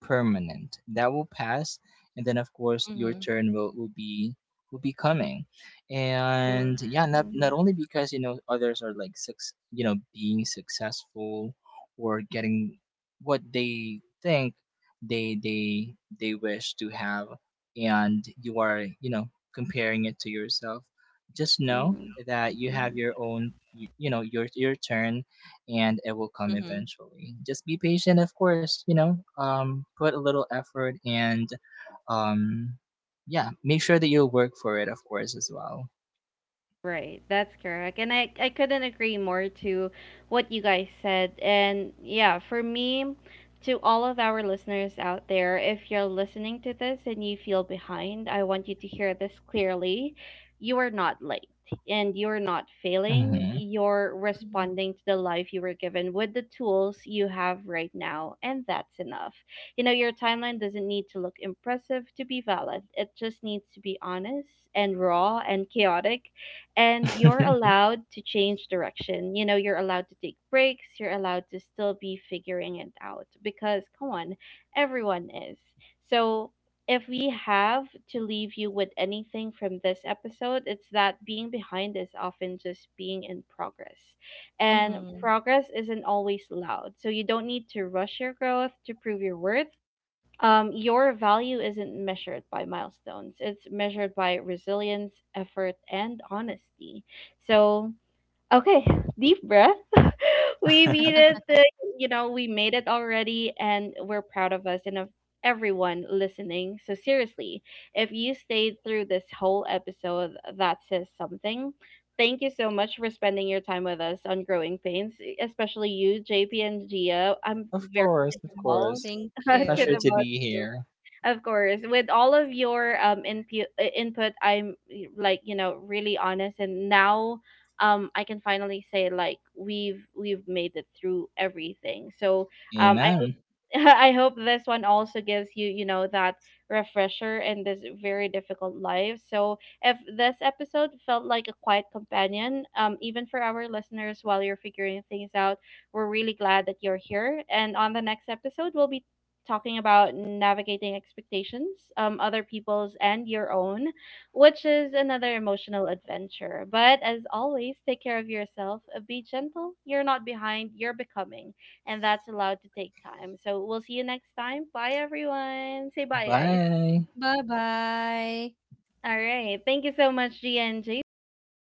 [SPEAKER 2] permanent, that will pass, and then of course your
[SPEAKER 3] Hmm.
[SPEAKER 2] turn will be, will be coming. And yeah, not not
[SPEAKER 1] Mm-hmm.
[SPEAKER 2] only because you know others are like six, you know, being successful or getting what they think they they wish to have, and you are, you know, comparing it to yourself. Just
[SPEAKER 1] Mm-hmm.
[SPEAKER 2] know
[SPEAKER 1] Mm-hmm.
[SPEAKER 2] that you have your own, you know, your turn, and it will come
[SPEAKER 3] Hmm.
[SPEAKER 2] eventually. Just be patient, of course, you know, put a little effort and, um, yeah, make sure that you work for it, of course, as well.
[SPEAKER 1] Right, that's correct. And I couldn't agree more to what you guys said. And yeah, for me, to all of our listeners out there, if you're listening to this and you feel behind, I want you to hear this clearly. You are not late, and you're not failing.
[SPEAKER 2] Hmm.
[SPEAKER 1] You're
[SPEAKER 3] Hmm.
[SPEAKER 1] responding to the life you were given with the tools you have right now, and that's enough. You know, your timeline doesn't need to look impressive to be valid, it just needs to be honest and raw and chaotic, and you're allowed to change direction. You know, you're allowed to take breaks, you're allowed to still be figuring it out, because, come on, everyone is. So, if we have to leave you with anything from this episode, it's that being behind is often just being in progress. And
[SPEAKER 3] Hmm.
[SPEAKER 1] progress isn't always loud. So you don't need to rush your growth to prove your worth. Your value isn't measured by milestones, it's measured by resilience, effort, and honesty. So, okay, deep breath. We made it, you know, we made it already, and we're proud of us and of everyone listening. So, seriously, if you stayed through this whole episode, that says something. Thank you so much for spending your time with us on Growing Pains, especially you, JP and Gia. I'm
[SPEAKER 2] Of
[SPEAKER 1] very
[SPEAKER 2] course, of
[SPEAKER 1] tall
[SPEAKER 2] course.
[SPEAKER 3] Thank
[SPEAKER 1] to
[SPEAKER 3] you.
[SPEAKER 2] Pleasure
[SPEAKER 1] the
[SPEAKER 2] to
[SPEAKER 1] both
[SPEAKER 2] be
[SPEAKER 1] of you.
[SPEAKER 2] here.
[SPEAKER 1] Of course, with all of your input, like you know, really honest, and now um, I can finally say like we've made it through everything. So um, I
[SPEAKER 2] Amen.
[SPEAKER 1] I hope this one also gives you, you know, that refresher in this very difficult life. So, if this episode felt like a quiet companion, even for our listeners while you're figuring things out, we're really glad that you're here. And on the next episode, we'll be talking about navigating expectations, other people's and your own, which is another emotional adventure. But as always, take care of yourself. Be gentle. You're not behind. You're becoming, and that's allowed to take time. So we'll see you next time. Bye, everyone. Say bye, guys.
[SPEAKER 2] Bye.
[SPEAKER 3] Bye bye.
[SPEAKER 1] All right. Thank you so much, Gia and JP.